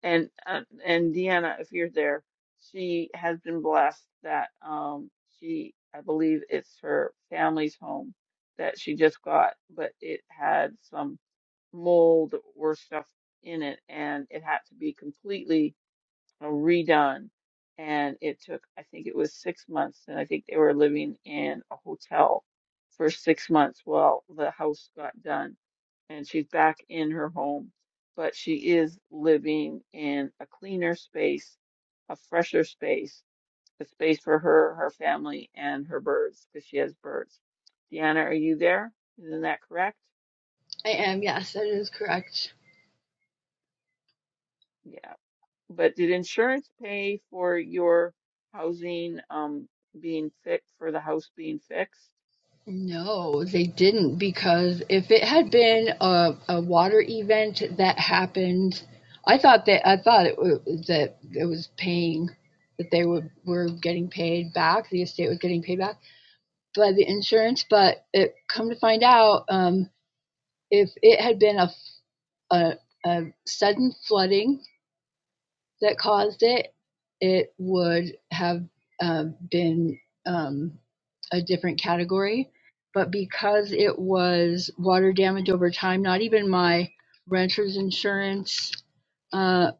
Speaker 1: and uh, and Deanna, if you're there, she has been blessed that um she, I believe it's her family's home that she just got, but it had some mold or stuff in it, and it had to be completely redone. And it took, I think it was six months. And I think they were living in a hotel for six months while the house got done. And she's back in her home, but she is living in a cleaner space, a fresher space, a space for her, her family, and her birds, because she has birds. Deanna, are you there? Isn't that correct?
Speaker 4: I am, yes, that is correct.
Speaker 1: Yeah. But did insurance pay for your housing um being fixed for the house being fixed?
Speaker 4: No, they didn't because if it had been a, a water event that happened, I thought that I thought it wa- that it was paying that they were were getting paid back, the estate was getting paid back by the insurance, but it come to find out um, if it had been a, a a sudden flooding that caused it, it would have uh, been um, a different category. But because it was water damage over time, not even my renter's insurance uh,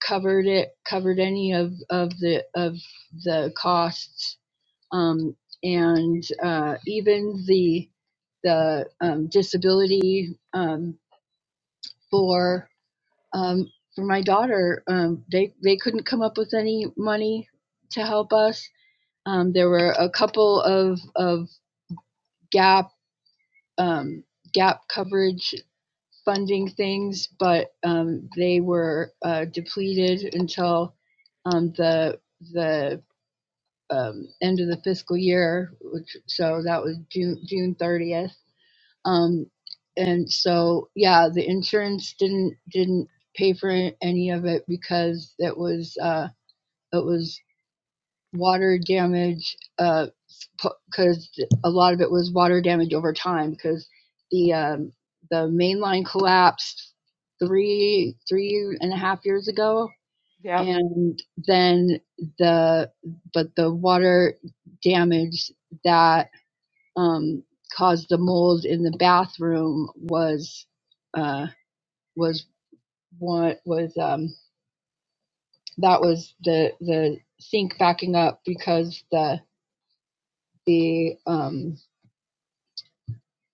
Speaker 4: covered it, covered any of, of the of the costs, um, and uh, even the the um, disability um, for um, for my daughter, um, they they couldn't come up with any money to help us. Um, there were a couple of of gap um, gap coverage funding things, but um, they were uh, depleted until um, the the um, end of the fiscal year, which so that was June June thirtieth. Um, and so yeah, the insurance didn't didn't pay for any of it because it was. Uh, it was water damage because uh, a lot of it was water damage over time because the um, the main line collapsed three three and a half years ago
Speaker 1: Yeah.
Speaker 4: and then the but the water damage that um, caused the mold in the bathroom was uh, was what was um, that was the the sink backing up because the the um,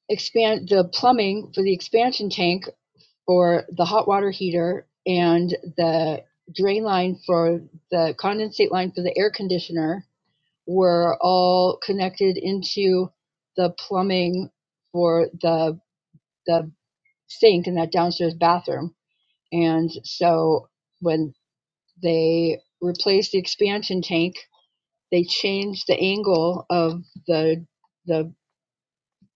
Speaker 4: expand the plumbing for the expansion tank for the hot water heater and the drain line for the condensate line for the air conditioner were all connected into the plumbing for the the sink in that downstairs bathroom and so when they replaced the expansion tank they changed the angle of the the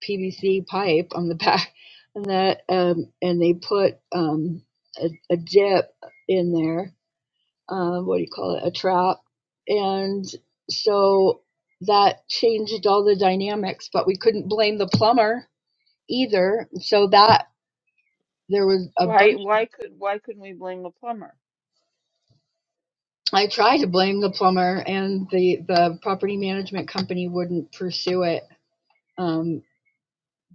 Speaker 4: PVC pipe on the back and that um, and they put um, a, a dip in there. Uh, what do you call it? A trap, and so that changed all the dynamics. But we couldn't blame the plumber either. So that there was a
Speaker 1: Why
Speaker 4: bunch.
Speaker 1: why could why couldn't we blame the plumber?
Speaker 4: I tried to blame the plumber, and the the property management company wouldn't pursue it um,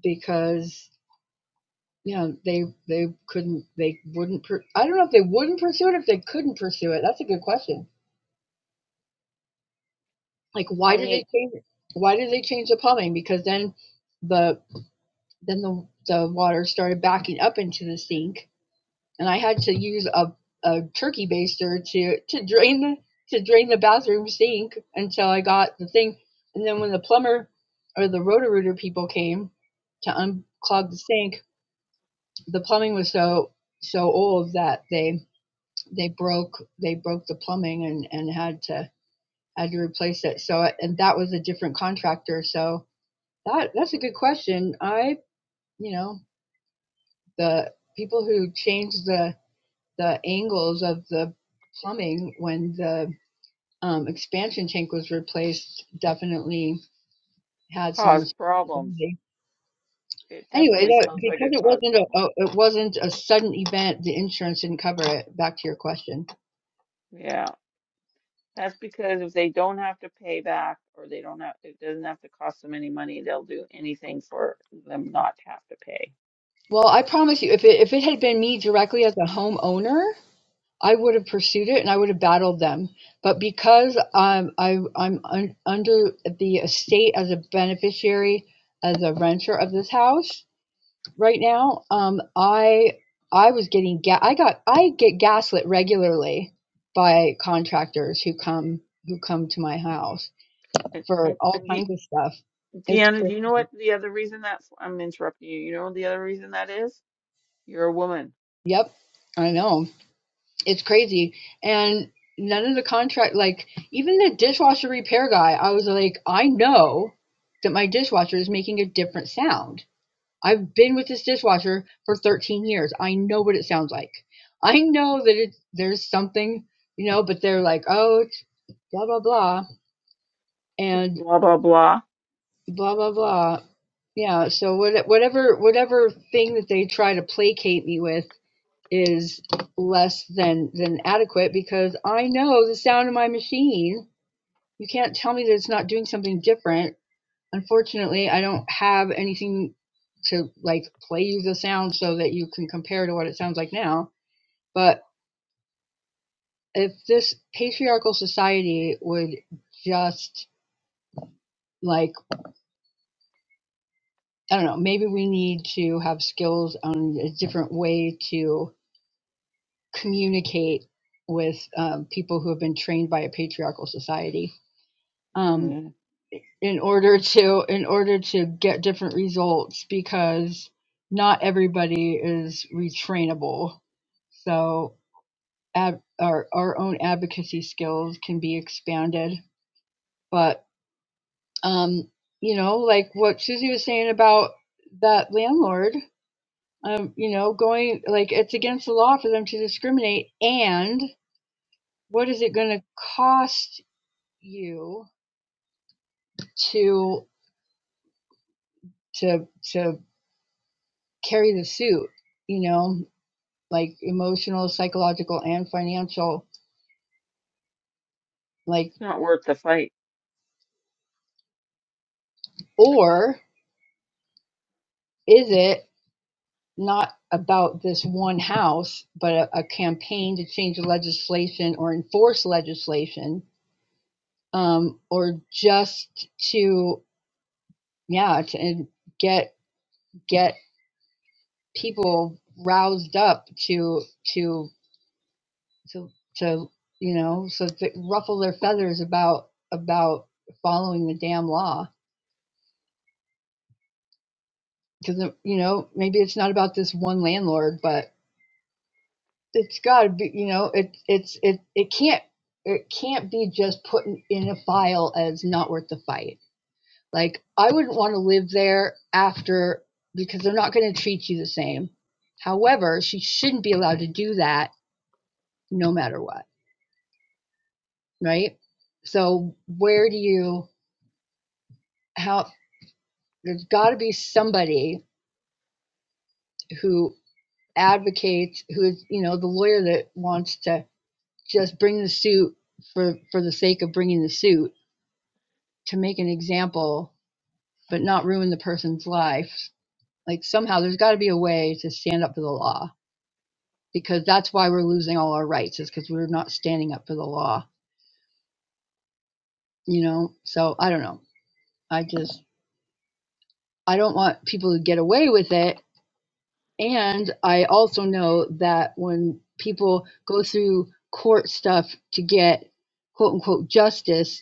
Speaker 4: because Yeah, they they couldn't they wouldn't per- I don't know if they wouldn't pursue it or if they couldn't pursue it. That's a good question. Like why
Speaker 1: I
Speaker 4: did
Speaker 1: mean,
Speaker 4: they change it? Why did they change the plumbing? Because then the then the the water started backing up into the sink and I had to use a a turkey baster to to drain the to drain the bathroom sink until I got the thing. And then when the plumber or the roto-rooter people came to unclog the sink, the plumbing was so so old that they they broke they broke the plumbing and and had to had to replace it. So and that was a different contractor. So that that's a good question. I you know the people who changed the the angles of the plumbing when the um, expansion tank was replaced definitely had some
Speaker 1: cause problems.
Speaker 4: responsibility.
Speaker 1: It
Speaker 4: Anyway,
Speaker 1: definitely
Speaker 4: that,
Speaker 1: sounds like
Speaker 4: because
Speaker 1: it
Speaker 4: it
Speaker 1: caused
Speaker 4: wasn't a,
Speaker 1: problems.
Speaker 4: a it wasn't a sudden event, the insurance didn't cover it. Back to your question.
Speaker 1: Yeah. That's because if they don't have to pay back or they don't have it doesn't have to cost them any money, they'll do anything for them not to have to pay.
Speaker 4: Well, I promise you, if it if it had been me directly as a homeowner, I would have pursued it and I would have battled them. But because um, I, I'm un- under the estate as a beneficiary, as a renter of this house right now, um, I I was getting ga- I got I get gaslit regularly by contractors who come who come to my house
Speaker 1: And,
Speaker 4: for
Speaker 1: and,
Speaker 4: all
Speaker 1: and De
Speaker 4: kinds of stuff. It's
Speaker 1: Deanna, do
Speaker 4: crazy.
Speaker 1: you know what the other reason that's I'm interrupting you. You know the other reason that is? You're a woman.
Speaker 4: Yep, I know. It's crazy. And none of the contract, like even the dishwasher repair guy, I was like, I know that my dishwasher is making a different sound. I've been with this dishwasher for 13 years. I know what it sounds like. I know that it, there's something, you know, but they're like, oh, it's blah, blah, blah,
Speaker 1: It's
Speaker 4: and
Speaker 1: blah blah blah.
Speaker 4: blah, blah, blah. Yeah, so what, whatever whatever thing that they try to placate me with, is less than than adequate because I know the sound of my machine. You can't tell me that it's not doing something different. Unfortunately, I don't have anything to like play you the sound so that you can compare to what it sounds like now. But if this patriarchal society would just like I don't know, maybe we need to have skills on a different way to communicate with um, people who have been trained by a patriarchal society. Um,
Speaker 1: Mm, It's
Speaker 4: in order to in order to get different results because not everybody is retrainable. So ab- our our own advocacy skills can be expanded, but um, you know, like what Susie was saying about that landlord, um, you know, going like it's against the law for them to discriminate, and what is it going to cost you to to to carry the suit? You know, like emotional, psychological, and financial, like,
Speaker 1: not worth the fight.
Speaker 4: or is it not about this one house, but a, a campaign to change the legislation or enforce legislation, um, or just to, yeah, to get get people roused up to to to to you know, so to ruffle their feathers about about following the damn law because you know maybe it's not about this one landlord but it's got to be you know it it's it it can't it can't be just put in a file as not worth the fight like i wouldn't want to live there after because they're not going to treat you the same however she shouldn't be allowed to do that no matter what right so where do you how there's got to be somebody who advocates who is you know the lawyer that wants to just bring the suit for for the sake of bringing the suit to make an example but not ruin the person's life like somehow there's got to be a way to stand up for the law because that's why we're losing all our rights is because we're not standing up for the law you know so i don't know i just i don't want people to get away with it and i also know that when people go through court stuff to get quote unquote justice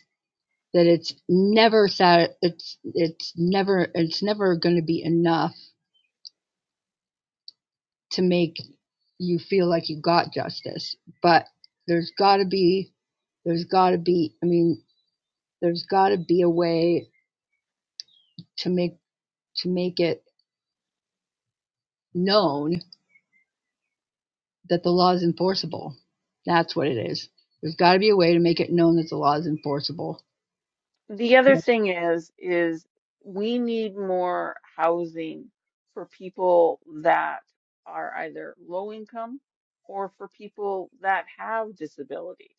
Speaker 4: that it's never sat it's it's never it's never going to be enough to make you feel like you got justice but there's got to be there's got to be i mean there's got to be a way to make to make it known that the law is enforceable that's what it is there's got to be a way to make it known that the law is enforceable
Speaker 1: The other
Speaker 4: Yep.
Speaker 1: thing is, is we need more housing for people that are either low income or for people that have disabilities,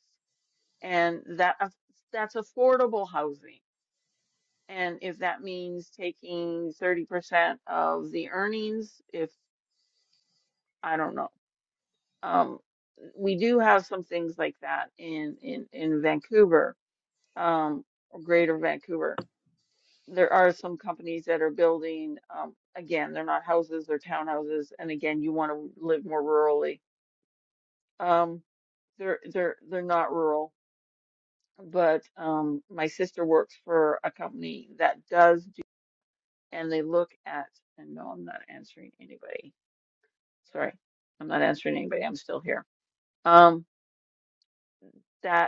Speaker 1: and that aff- that's affordable housing. And if that means taking 30% of the earnings, if I don't know, um, we do have some things like that in in in Vancouver um, or Greater Vancouver. There are some companies that are building, um, again, they're not houses, they're townhouses, and again, you want to live more rurally. Um, they're they're they're not rural, but um, my sister works for a company that does do, and they look at, and no, I'm not answering anybody. Sorry, I'm not answering anybody. I'm still here. Um, that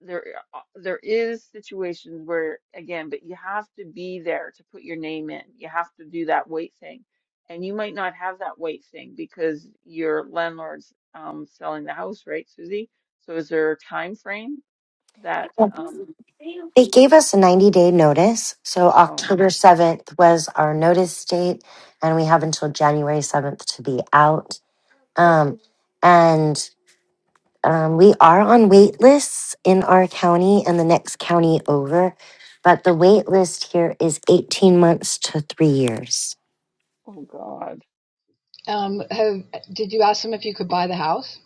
Speaker 1: there uh, there is situations where again but you have to be there to put your name in you have to do that weight thing and you might not have that weight thing because your landlord's um selling the house right Susie so is there a time frame that um
Speaker 3: They gave us a 90 day notice. So
Speaker 1: oh
Speaker 3: October
Speaker 1: god
Speaker 3: 7th was our notice date, and we have until January 7th to be out. Um, and um, we are on wait lists in our county and the next county over, but the wait list here is 18 months to three years.
Speaker 1: oh god
Speaker 4: um have did you ask them if you could buy the house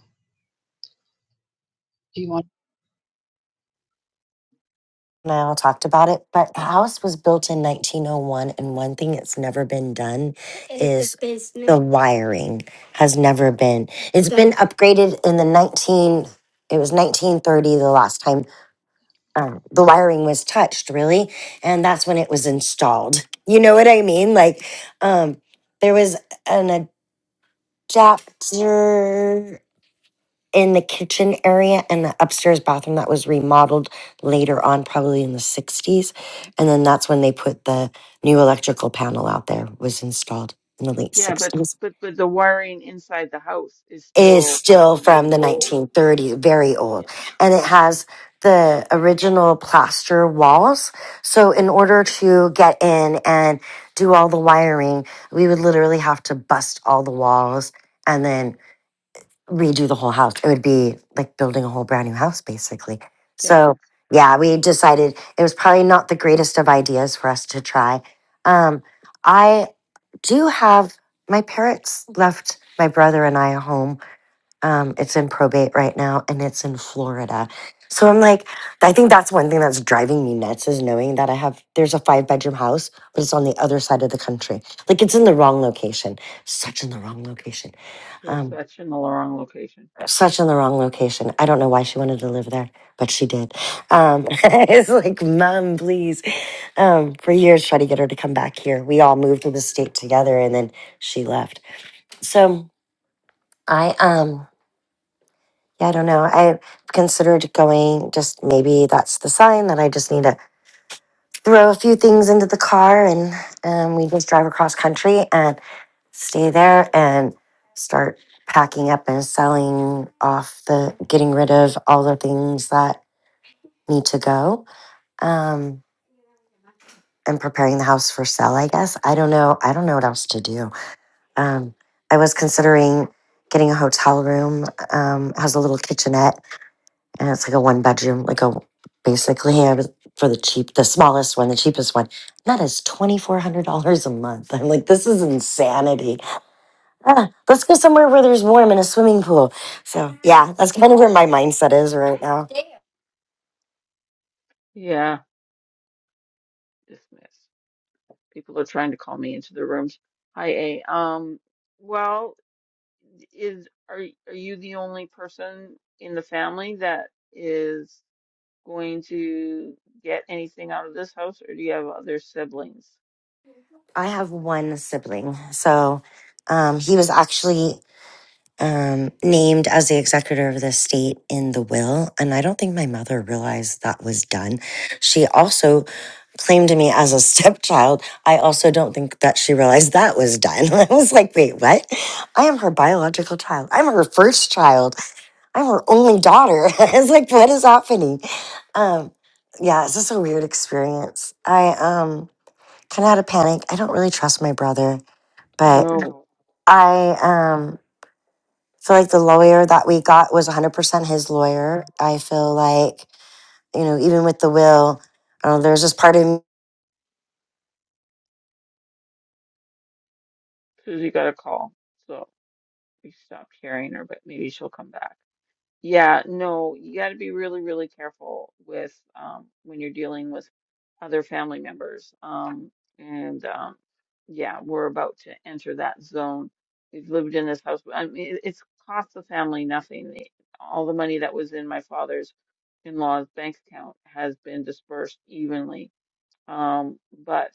Speaker 4: do you want
Speaker 3: Niall talked about it, but the house was built in 1901, and one thing that's never been done is the wiring has never been. It's been upgraded in the 19. It was 1930 the last time um, the wiring was touched, really, and that's when it was installed. You know what I mean? Like, um, there was an adapter in the kitchen area and the upstairs bathroom that was remodeled later on, probably in the 60s. And then that's when they put the new electrical panel out there, was installed in the late
Speaker 1: yeah but
Speaker 3: 60s.
Speaker 1: but but the wiring inside the house is
Speaker 3: Is
Speaker 1: still
Speaker 3: still
Speaker 1: probably
Speaker 3: from the
Speaker 1: old
Speaker 3: 1930s, very
Speaker 1: yeah
Speaker 3: old. And it has the original plaster walls. So, in
Speaker 1: yeah
Speaker 3: order to get in and do all the wiring, we would literally have to bust all the walls. And then redo the whole house. It would be like building a whole brand new house, basically.
Speaker 1: yeah
Speaker 3: So, yeah, we decided it was probably not the greatest of ideas for us to try. Um, I do have my parents left my brother and I a home. Um, it's in probate right now and it's in Florida. So I'm like, I think that's one thing that's driving me nuts is knowing that I have, there's a five bedroom house, but it's on the other side of the country. Like it's in the wrong location, such in the wrong location.
Speaker 1: yes
Speaker 3: Um,
Speaker 1: that's in the wrong location
Speaker 3: such in the wrong location. I don't know why she wanted to live there, but she did. Um, it's like, mom, please. Um, for years, try to get her to come back here. We all moved to the state together, and then she left. So I, um, yeah, I don't know. I considered going. Just maybe that's the sign that I just need to throw a few things into the car, and um, we just drive across country and stay there and start packing up and selling off the getting rid of all the things that need to go. Um, and preparing the house for sale, I guess. I don't know. I don't know what else to do. Um, I was considering getting a hotel room. Um, it has a little kitchenette and it's like a one bedroom, like a basically I was for the cheap, the smallest one, the cheapest one. and That is twenty four hundred dollars a month. I'm like, this is insanity. Ah, let's go somewhere where there's warm and a swimming pool. So yeah, that's kind of where my mindset is right now.
Speaker 1: yeah dismissed People are trying to call me into their rooms. Hi, A. Um, well, is are are you the only person in the family that is going to get anything out of this house, or do you have other siblings?
Speaker 3: I have one sibling. So um, he was actually um, named as the executor of the estate in the will. And I don't think my mother realized that was done. She also claimed me as a stepchild. I also don't think that she realized that was done. I was like, wait, what? I am her biological child. I'm her first child. I'm her only daughter. I was like, what is happening? Um, yeah, it's just a weird experience. I um kind of out of panic. I don't really trust my brother, but
Speaker 1: No.
Speaker 3: I um feel like the lawyer that we got was 100% his lawyer. I feel like, you know, even with the will, uh, there's this part of me.
Speaker 1: Susie got a call, so we stopped hearing her, but maybe she'll come back. Yeah, no, you got to be really, really careful with um, when you're dealing with other family members. Um, and um, yeah, we're about to enter that zone. We've lived in this house. I mean, it- it's cost the family nothing. The- All the money that was in my father's in-law's bank account has been dispersed evenly um, but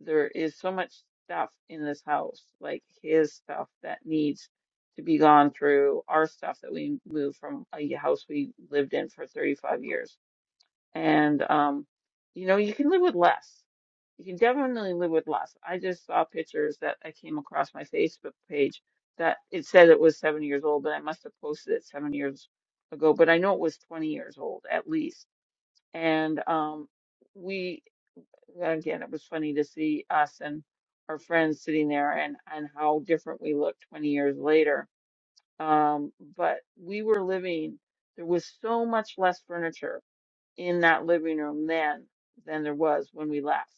Speaker 1: there is so much stuff in this house, like his stuff that needs to be gone through, our stuff that we moved from a y- house we lived in for 35 years. And, um, you know, you can live with less. You can definitely live with less. I just saw pictures that I came across my Facebook page that it said it was seven years old, but I must have posted it seven years ago, but I know it was 20 years old at least. And, um, we, Again, it was funny to see us and our friends sitting there and, and how different we looked 20 years later. Um, but we were living, there was so much less furniture in that living room then than there was when we left,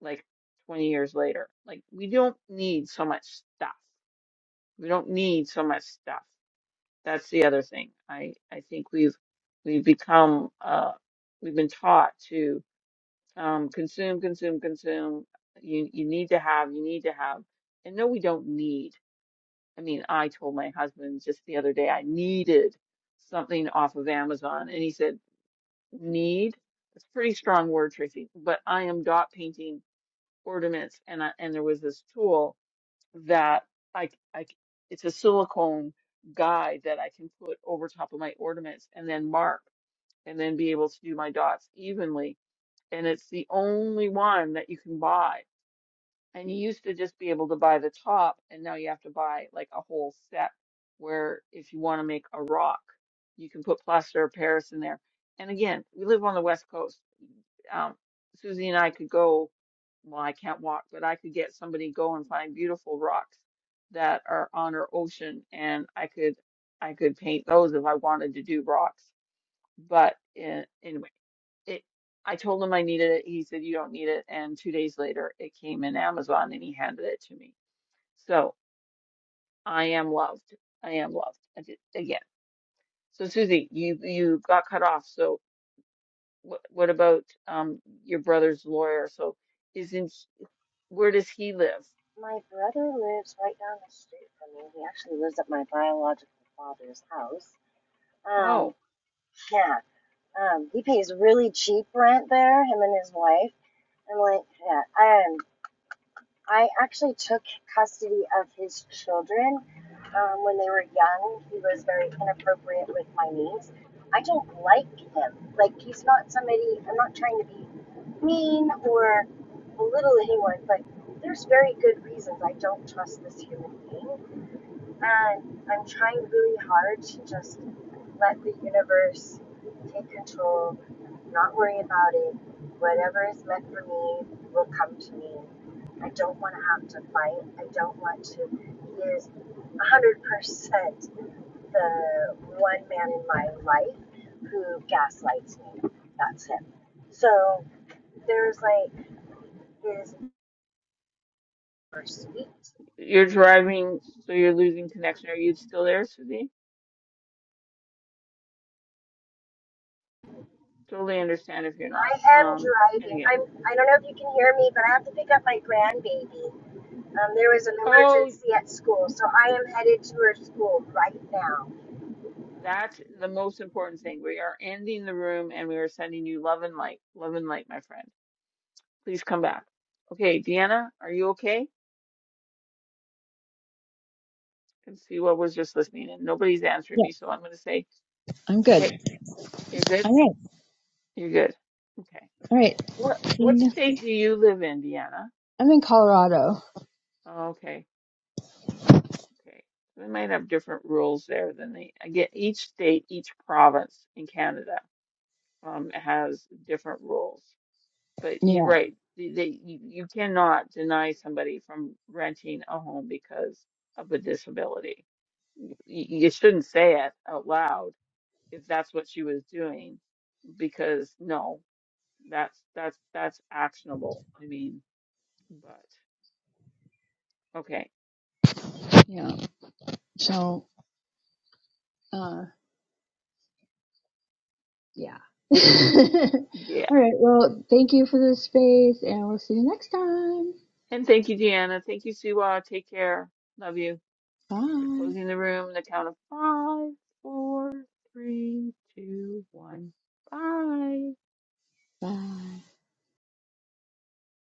Speaker 1: like 20 years later. Like, we don't need so much stuff. We don't need so much stuff. That's the other thing. I, I think we've, we've become, uh, we've been taught to um, consume, consume, consume. You you need to have, you need to have. And no, we don't need. I mean, I told my husband just the other day I needed something off of Amazon, and he said, "Need." That's a pretty strong word, Tracy. But I am dot painting ornaments, and I, and there was this tool that I c- I c- it's a silicone guide that I can put over top of my ornaments and then mark and then be able to do my dots evenly and it's the only one that you can buy. And you used to just be able to buy the top, and now you have to buy like a whole set where if you want to make a rock, you can put plaster of Paris in there. And again, we live on the West Coast. Um, Susie and I could go, well, I can't walk, but I could get somebody go and find beautiful rocks that are on our ocean, and I could I could paint those if I wanted to do rocks. But in, anyway it I told him I needed it. He said, You don't need it. And two days later, it came in Amazon and he handed it to me. So I am loved. I am loved. I did, again. So Susie, you you got cut off. So what what about um your brother's lawyer? So isn't where does he live?
Speaker 3: My brother lives right down the street from me. He actually lives at my biological father's house. Um,
Speaker 1: Oh,
Speaker 3: yeah, um, he pays really cheap rent there, him and his wife. And like, yeah, um, I actually took custody of his children um, when they were young, he was very inappropriate with my niece. I don't like him. Like, he's not somebody, I'm not trying to be mean or belittle anyone, but there's very good reasons I don't trust this human being. And I'm trying really hard to just let the universe take control, not worry about it. Whatever is meant for me will come to me. I don't want to have to fight. I don't want to. He is 100% the one man in my life who gaslights me. That's him. So there's like his pursuit.
Speaker 1: you're driving, so you're losing connection. Are you still there, Susie? Totally understand if you're not.
Speaker 3: I am
Speaker 1: Um, and
Speaker 3: driving.
Speaker 1: again,
Speaker 3: I'm. I don't know if you can hear me, but I have to pick up my grandbaby. Um, there was an
Speaker 1: oh
Speaker 3: emergency at school, so I am headed to her school right now.
Speaker 1: That's the most important thing. We are ending the room and we are sending you love and light. Love and light, my friend. Please come back. Okay, Deanna, are you okay? I can see what was just listening and nobody's answering
Speaker 4: Yeah,
Speaker 1: me, so I'm going to say,
Speaker 4: I'm good.
Speaker 1: okay, you're good.
Speaker 4: All right.
Speaker 1: You're good. Okay. What what
Speaker 4: All right.
Speaker 1: state do you live in, Deanna?
Speaker 4: I'm in Colorado.
Speaker 1: Oh, okay. Okay. We might have different rules there than the again, each state, each province in Canada um has different rules. But you're
Speaker 4: Yeah,
Speaker 1: right. They, they- you, you cannot deny somebody from renting a home because of a disability. You, you shouldn't say it out loud if that's what she was doing, because no, that's that's that's actionable. I mean, but okay,
Speaker 4: yeah. So, uh, yeah. All
Speaker 1: yeah.
Speaker 4: right. Well, thank you for the space, and we'll see you next time.
Speaker 1: And thank you, Deanna. Thank you, Siwa. Take care. Love you. We're
Speaker 4: Bye.
Speaker 1: closing the room. The count of five, four, three, two, one. Bye.
Speaker 4: Bye.